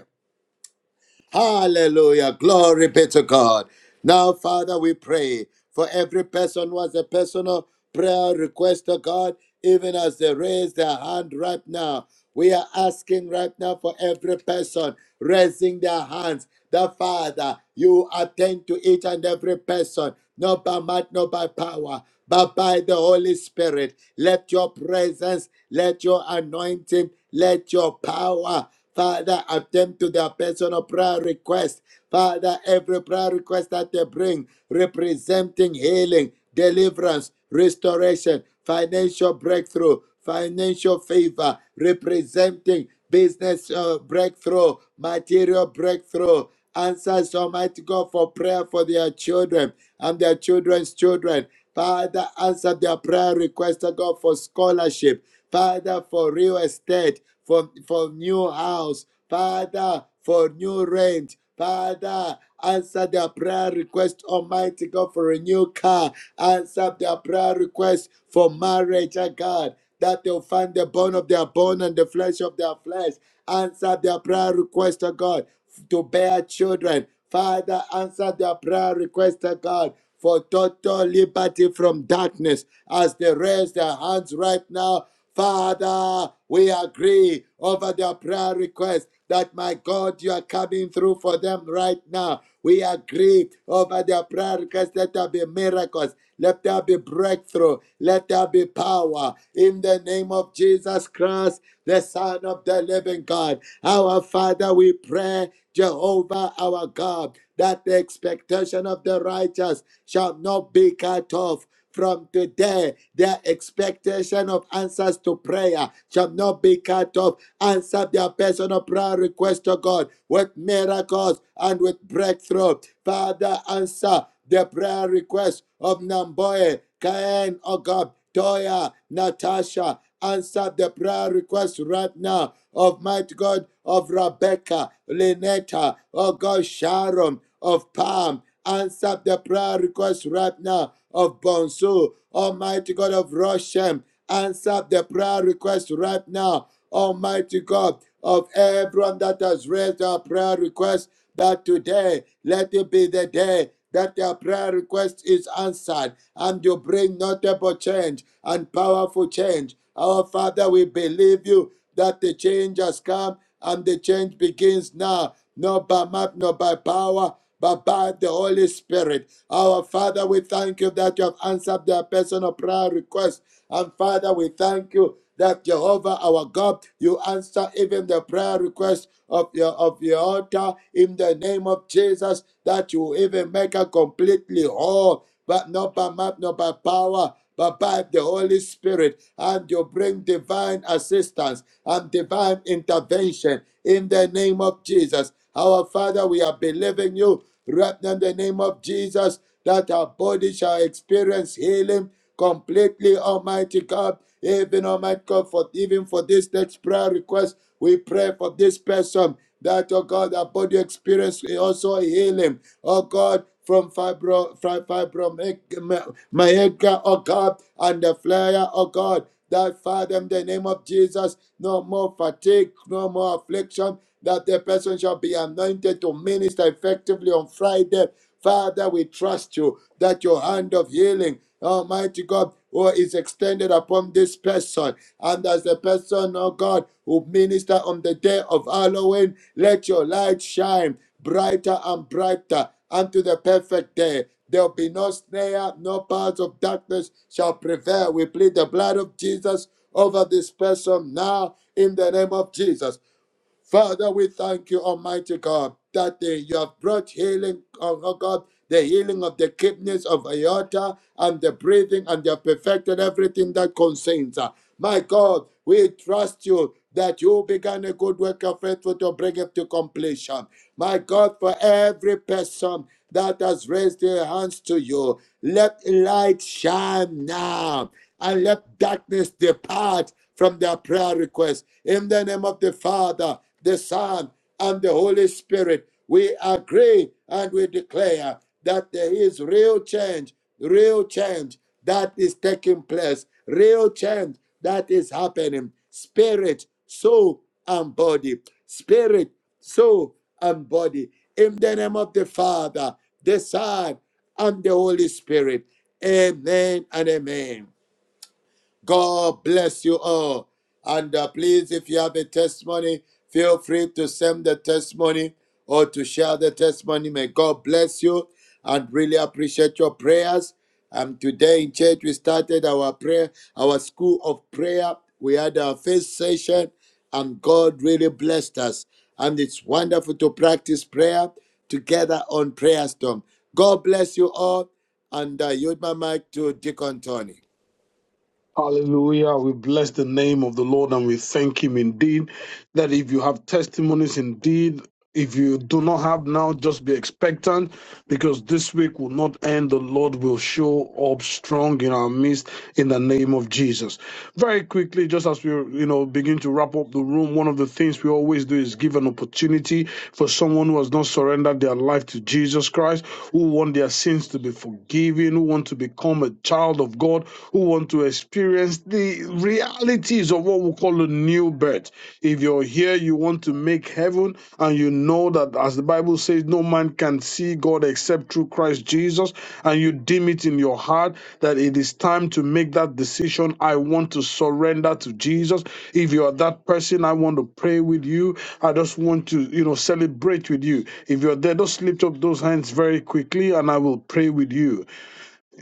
Hallelujah. Glory be to God. Now, Father, we pray for every person who has a personal prayer request to God, even as they raise their hand right now. We are asking right now for every person raising their hands. The Father, you attend to each and every person, not by might, not by power, but by the Holy Spirit. Let your presence, let your anointing, let your power Father, attend to their personal prayer request. Father, every prayer request that they bring representing healing, deliverance, restoration, financial breakthrough, financial favor, representing business uh, breakthrough, material breakthrough. Answers Almighty God for prayer for their children and their children's children. Father, answer their prayer request, oh God, for scholarship. Father, for real estate for, for new house, Father, for new rent. Father, answer their prayer request, Almighty God, for a new car. Answer their prayer request for marriage, oh God, that they'll find the bone of their bone and the flesh of their flesh. Answer their prayer request, oh God, to bear children. Father, answer their prayer request, oh God, for total liberty from darkness as they raise their hands right now Father, we agree over their prayer request that my God, you are coming through for them right now. We agree over their prayer request. Let there be miracles. Let there be breakthrough. Let there be power. In the name of Jesus Christ, the Son of the living God. Our Father, we pray, Jehovah our God, that the expectation of the righteous shall not be cut off. From today, their expectation of answers to prayer shall not be cut off. Answer their personal prayer request to God with miracles and with breakthrough. Father, answer the prayer request of Namboye, Cain, oh God, Toya, Natasha. Answer the prayer request right now of mighty God of Rebecca, Lynetta, O God, Sharon, of Palm. Answer the prayer request right now of Bonsu, Almighty God of Roshem, answer the prayer request right now, Almighty God of everyone that has raised our prayer request, that today let it be the day that their prayer request is answered and you bring notable change and powerful change. Our Father, we believe you that the change has come and the change begins now, not by might, not by power, but by the Holy Spirit. Our Father, we thank you that you have answered their personal prayer request. And Father, we thank you that Jehovah our God, you answer even the prayer request of your of your altar in the name of Jesus, that you even make her completely whole but not by might, not by power, but by the Holy Spirit. And you bring divine assistance and divine intervention in the name of Jesus. Our Father, we are believing you right now in the name of Jesus that our body shall experience healing completely, Almighty God. Even Almighty God, for even for this next prayer request, we pray for this person that, oh God, our body experience also healing. Oh God, from fibro, fri- fibromyalgia, oh God, and the flare, oh God. That Father, in the name of Jesus, no more fatigue, no more affliction, that the person shall be anointed to minister effectively on Friday. Father, we trust you that your hand of healing, Almighty God, oh, is extended upon this person. And as the person, oh God, who minister on the day of Halloween, let your light shine brighter and brighter unto the perfect day. There'll be no snare, no powers of darkness shall prevail. We plead the blood of Jesus over this person now in the name of Jesus. Father, we thank you, Almighty God, that uh, you have brought healing, oh oh God, the healing of the kidneys of aorta and the breathing, and you have perfected everything that concerns her. My God, we trust you that you began a good work of faithful to bring it to completion. My God, for every person that has raised their hands to you, let light shine now and let darkness depart from their prayer request. In the name of the Father, the Son, and the Holy Spirit, we agree and we declare that there is real change, real change that is taking place, real change that is happening. Spirit, soul, and body. Spirit, soul, and body. In the name of the Father, the Son, and the Holy Spirit. Amen and amen. God bless you all. And uh, please, if you have a testimony, feel free to send the testimony or to share the testimony. May God bless you and really appreciate your prayers. Um, today in church, we started our prayer, our school of prayer. We had our first session, and God really blessed us. And it's wonderful to practice prayer together on Prayer Storm. God bless you all, and I uh, yield my mic to Deacon Tony. Hallelujah. We bless the name of the Lord and we thank Him indeed. That if you have testimonies indeed, if you do not have now, just be expectant because this week will not end. The Lord will show up strong in our midst in the name of Jesus. Very quickly, just as we you know begin to wrap up the room, one of the things we always do is give an opportunity for someone who has not surrendered their life to Jesus Christ, who want their sins to be forgiven, who want to become a child child of God who want to experience the realities of what we call a new birth. If you're here, you want to make heaven, and you know that, as the Bible says, no man can see God except through Christ Jesus, and you deem it in your heart that it is time to make that decision. I want to surrender to Jesus. If you are that person, I want to pray with you. I just want to, you know, celebrate with you. If you're there, just lift up those hands very quickly, and I will pray with you.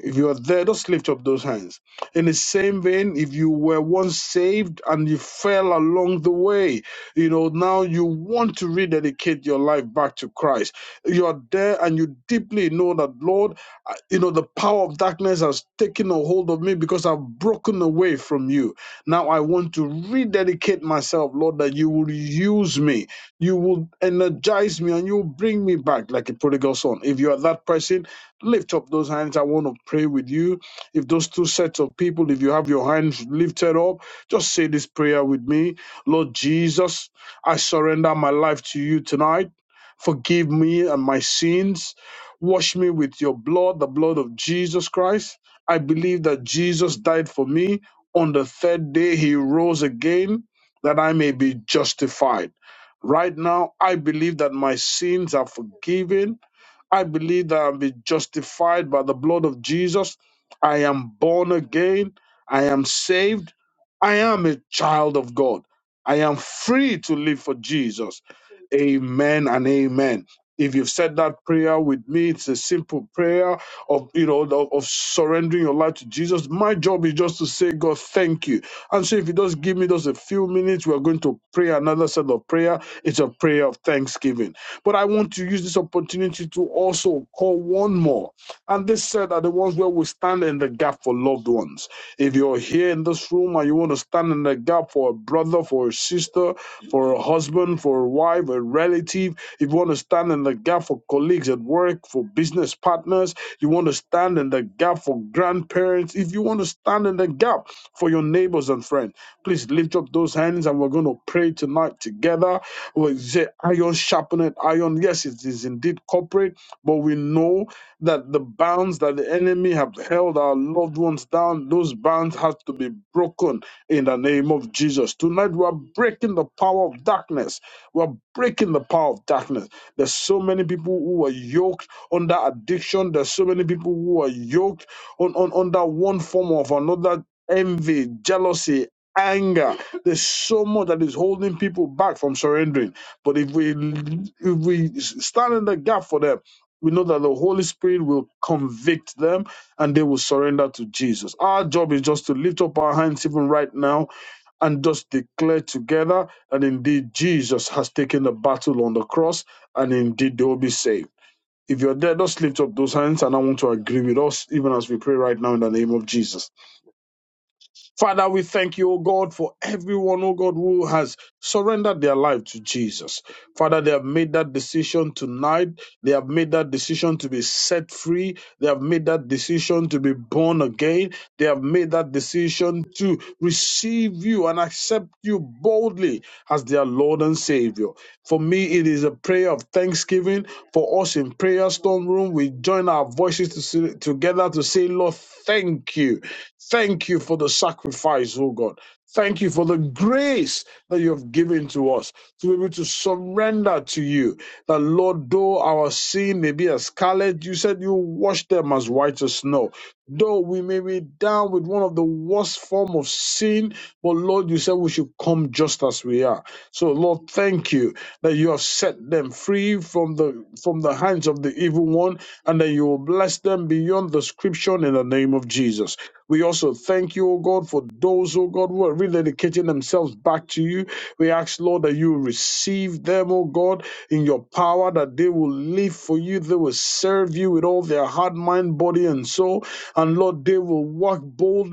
If you are there, just lift up those hands. In the same vein, if you were once saved and you fell along the way, you know, now you want to rededicate your life back to Christ. You are there and you deeply know that, Lord, I- you know, the power of darkness has taken a hold of me because I've broken away from you. Now I want to rededicate myself, Lord, that you will use me, you will energize me, and you will bring me back like a prodigal son. If you are that person, Lift up those hands. I want to pray with you. If those two sets of people, if you have your hands lifted up, just say this prayer with me. Lord Jesus, I surrender my life to you tonight. Forgive me and my sins. Wash me with your blood, the blood of Jesus Christ. I believe that Jesus died for me. On the third day, he rose again that I may be justified. Right now, I believe that my sins are forgiven. I believe that I've been justified by the blood of Jesus. I am born again. I am saved. I am a child of God. I am free to live for Jesus. Amen and amen. If you've said that prayer with me, it's a simple prayer of you know of, of surrendering your life to Jesus. My job is just to say, God, thank you. And so if you just give me just a few minutes, we're going to pray another set of prayer. It's a prayer of thanksgiving. But I want to use this opportunity to also call one more. And this said are the ones where we stand in the gap for loved ones. If you're here in this room and you want to stand in the gap for a brother, for a sister, for a husband, for a wife, a relative, if you want to stand in the gap for colleagues at work, for business partners, you want to stand in the gap for grandparents, if you want to stand in the gap for your neighbors and friends, please lift up those hands and we're going to pray tonight together well, it's iron sharpened iron. Yes, it is indeed corporate, but we know that the bonds that the enemy have held our loved ones down, those bonds have to be broken in the name of Jesus. Tonight we are breaking the power of darkness. We are breaking the power of darkness. There's so many people who are yoked under addiction. There's so many people who are yoked on, on under one form of another envy, jealousy, anger that is holding people back from surrendering. But if we if we stand in the gap for them, we know that the Holy Spirit will convict them and they will surrender to Jesus. Our job is just to lift up our hands even right now and just declare together that indeed Jesus has taken the battle on the cross and indeed they will be saved. If you're there, just lift up those hands and I want to agree with us even as we pray right now in the name of Jesus. Father, we thank you, O God, for everyone, O God, who has surrendered their life to Jesus. Father, they have made that decision tonight. They have made that decision to be set free. They have made that decision to be born again. They have made that decision to receive you and accept you boldly as their Lord and Savior. For me, it is a prayer of thanksgiving. For us in Prayer Storm Room, we join our voices to say- together to say, Lord, thank you. Thank you for the sacrifice, oh God. Thank you for the grace that you have given to us to be able to surrender to you. That, Lord, though our sin may be as scarlet, you said you wash them as white as snow. Though we may be down with one of the worst form of sin, but Lord, you said we should come just as we are. For just you, them, oh God, in your power, they will serve with all their heart, mind, body, and soul. And Lord, they will walk bold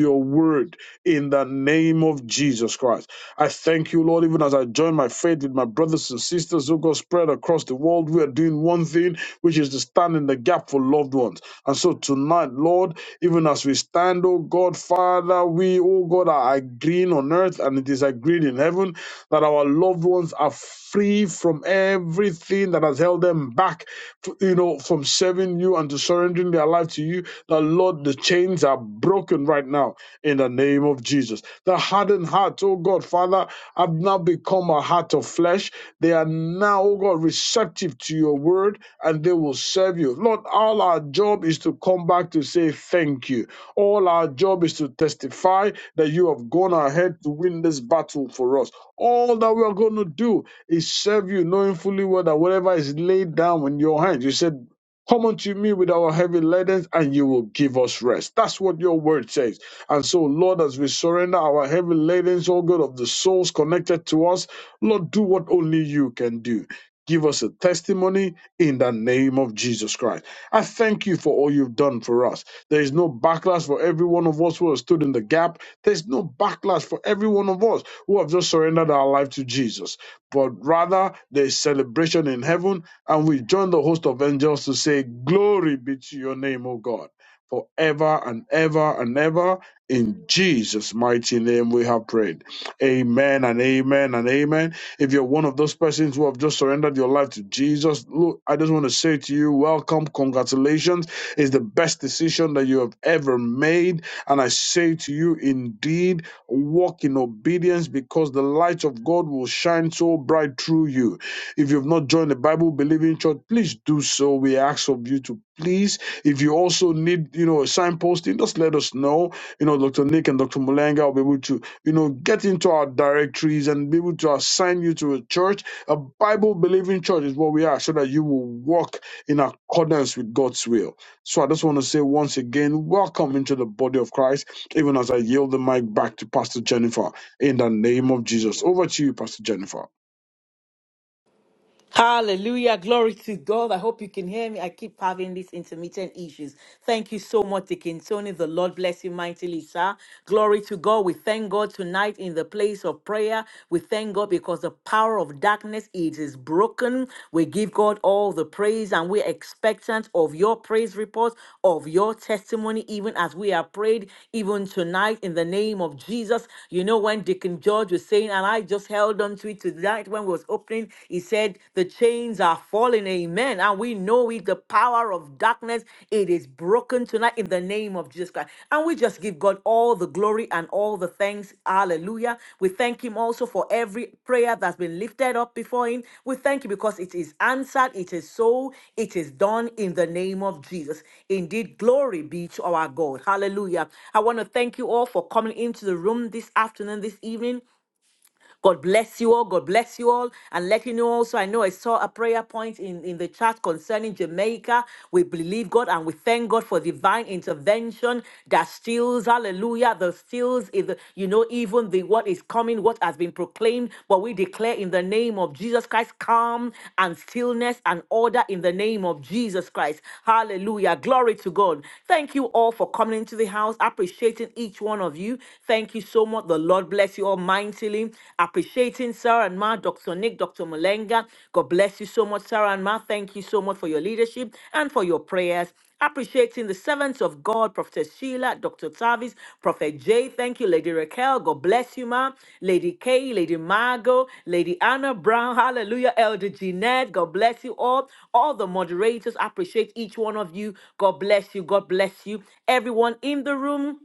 of your word in the name of Jesus Christ. I thank you, Lord, even as I join my faith with my brothers and sisters who God spread across the world. We are doing one thing, which is to stand in the gap for loved ones. And so tonight, Lord, even as we stand, oh God, Father. Father, we, oh God, are agreeing on earth and it is agreed in heaven that our loved ones are free from everything that has held them back, to, you know, from serving you and to surrendering their life to you. The Lord, the chains are broken right now in the name of Jesus. The hardened heart, oh God, Father, have now become a heart of flesh. They are now, oh God, receptive to your word and they will serve you. Lord, all our job is to come back to say thank you. All our job is to testify that you have gone ahead to win this battle for us. All that we are going to do is serve you, knowing fully well that whatever is laid down in your hands, you said, Come unto me with our heavy laden, and you will give us rest. That's what your word says. And so, Lord, as we surrender our heavy ladens, all God of the souls connected to us, Lord, do what only you can do. Give us a testimony in the name of Jesus Christ. I thank you for all you've done for us. There is no backlash for every one of us who has stood in the gap. There's no backlash for every one of us who have just surrendered our life to Jesus. But rather, there is celebration in heaven, and we join the host of angels to say, Glory be to your name, O God, forever and ever and ever. In Jesus' mighty name we have prayed. Amen and amen and amen. If you're one of those persons who have just surrendered your life to Jesus, look, I just want to say to you, welcome, congratulations. It's the best decision that you have ever made. And I say to you, indeed, walk in obedience because the light of God will shine so bright through you. If you've not joined the Bible believing church, please do so. We ask of you to please. If you also need, you know, a signposting, just let us know. You know, Dr. Nick and Dr. Mulenga will be able to you know, get into our directories and be able to assign you to a church. A Bible believing church is what we are, so that you will walk in accordance with God's will. So I just want to say once again, welcome into the body of Christ, even as I yield the mic back to Pastor Jennifer in the name of Jesus. Over to you, Pastor Jennifer. Hallelujah. Glory to God. I hope you can hear me. I keep having these intermittent issues. Thank you so much, Deacon Tony. The Lord bless you mightily, sir. Glory to God. We thank God tonight in the place of prayer. We thank God because the power of darkness it is broken. We give God all the praise and we're expectant of your praise reports of your testimony, even as we are prayed, even tonight in the name of Jesus. You know, when Deacon George was saying, and I just held on to it today tonight when we was opening, he said the chains are falling. Amen. And we know it, the power of darkness, it is broken tonight in the name of Jesus Christ. And we just give God all the glory and all the thanks. Hallelujah. We thank him also for every prayer that's been lifted up before him. We thank you because it is answered, it is so, it is done in the name of Jesus. Indeed, glory be to our God. Hallelujah. I want to thank you all for coming into the room this afternoon, this evening. God bless you all. God bless you all. And letting you know also, I know I saw a prayer point in, in the chat concerning Jamaica. We believe God and we thank God for divine intervention that steals, hallelujah, the steals, is, you know, even the what is coming, what has been proclaimed. But we declare in the name of Jesus Christ, calm and stillness and order in the name of Jesus Christ. Hallelujah. Glory to God. Thank you all for coming into the house, appreciating each one of you. Thank you so much so much. The Lord bless you all mightily. Appreciating Sarah and Ma, Dr. Nick, Dr. Mulenga. God bless you so much, Sarah and Ma. Thank you so much for your leadership and for your prayers. Appreciating the servants of God, Prophet Sheila, Dr. Tavis, Prophet Jay. Thank you, Lady Raquel. God bless you, Ma. Lady Kay, Lady Margot, Lady Anna Brown. Hallelujah, Elder Jeanette. God bless you all. All the moderators. Appreciate each one of you. God bless you. God bless you. Everyone in the room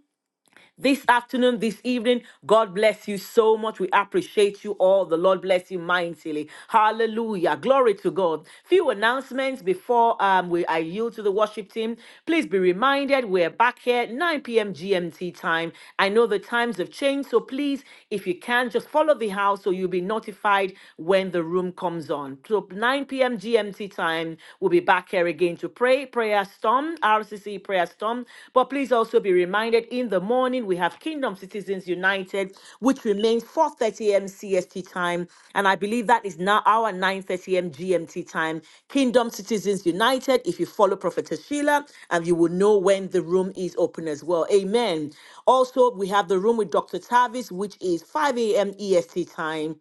this afternoon, this evening. God bless you so much. We appreciate you all. The Lord bless you mightily. Hallelujah. Glory to God. Few announcements before um, we I yield to the worship team. Please be reminded we're back here 9 p.m. GMT time. I know the times have changed, so please, if you can, just follow the house so you'll be notified when the room comes on. So 9 p.m. GMT time, we'll be back here again to pray. Prayer Storm, RCC Prayer Storm. But please also be reminded in the morning we have Kingdom Citizens United, which remains 4:30 a.m. CST time, and I believe that is now our 9:30 a.m. GMT time. Kingdom Citizens United. If you follow Prophetess Sheila, and you will know when the room is open as well. Amen. Also, we have the room with Dr. Tavis, which is 5 a.m. EST time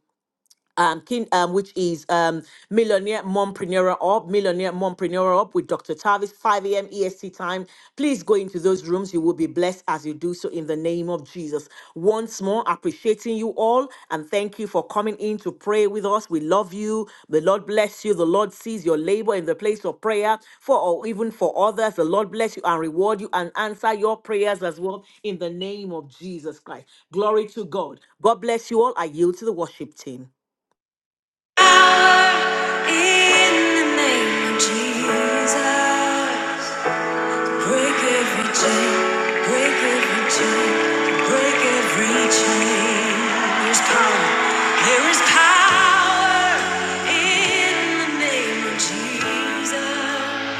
um, kin- um, which is um, Millionaire Mompreneur Up, Millionaire Mompreneur Up with Dr. Tavis, 5 a.m. EST time. Please go into those rooms. You will be blessed as you do so in the name of Jesus. Once more, appreciating you all and thank you for coming in to pray with us. We love you. The Lord bless you. The Lord sees your labor in the place of prayer for or even for others. The Lord bless you and reward you and answer your prayers as well in the name of Jesus Christ. Glory to God. God bless you all. I yield to the worship team. In the name of Jesus. Break every chain, break every chain, break every chain. There's power, there is power in the name of Jesus.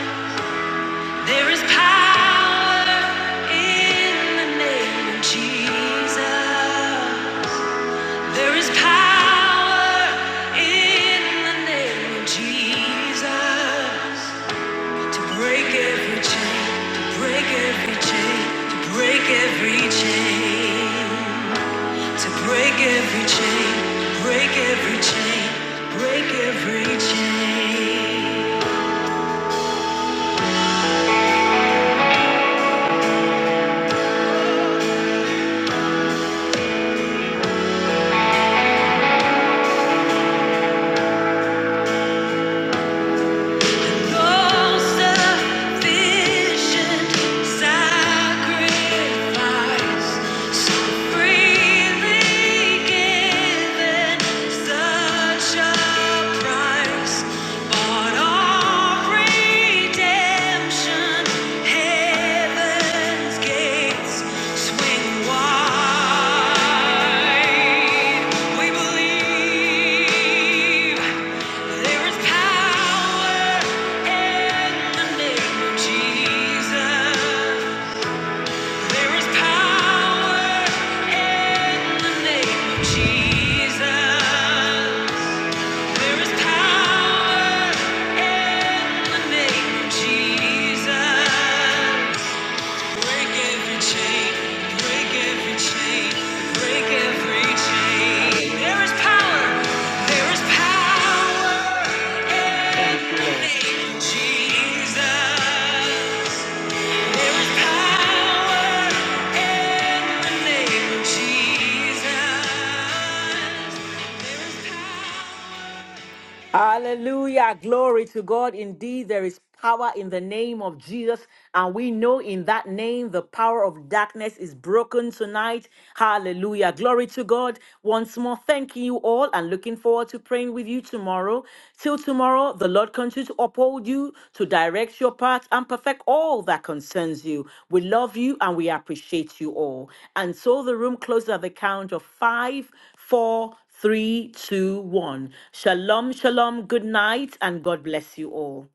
There is power in the name of Jesus. There is power in the name of Jesus. To break every chain, to break every chain, to break every chain, to break every chain, break every chain, break every chain. Swing wide, we believe. There is power in the name of Jesus. There is power in the name of Jesus. There is power in the name of Jesus. Break every chain, break every chain, break every chain. There is power, there is power in the name of Jesus. There is power in the name of Jesus. Hallelujah. Glory to God. Indeed, there is power in the name of Jesus. And we know in that name, the power of darkness is broken tonight. Hallelujah. Glory to God. Once more, thanking you all and looking forward to praying with you tomorrow. Till tomorrow, the Lord continues to uphold you, to direct your path, and perfect all that concerns you. We love you and we appreciate you all. And so the room closes at the count of five, four, Three, two, one. Shalom, shalom, good night, and God bless you all.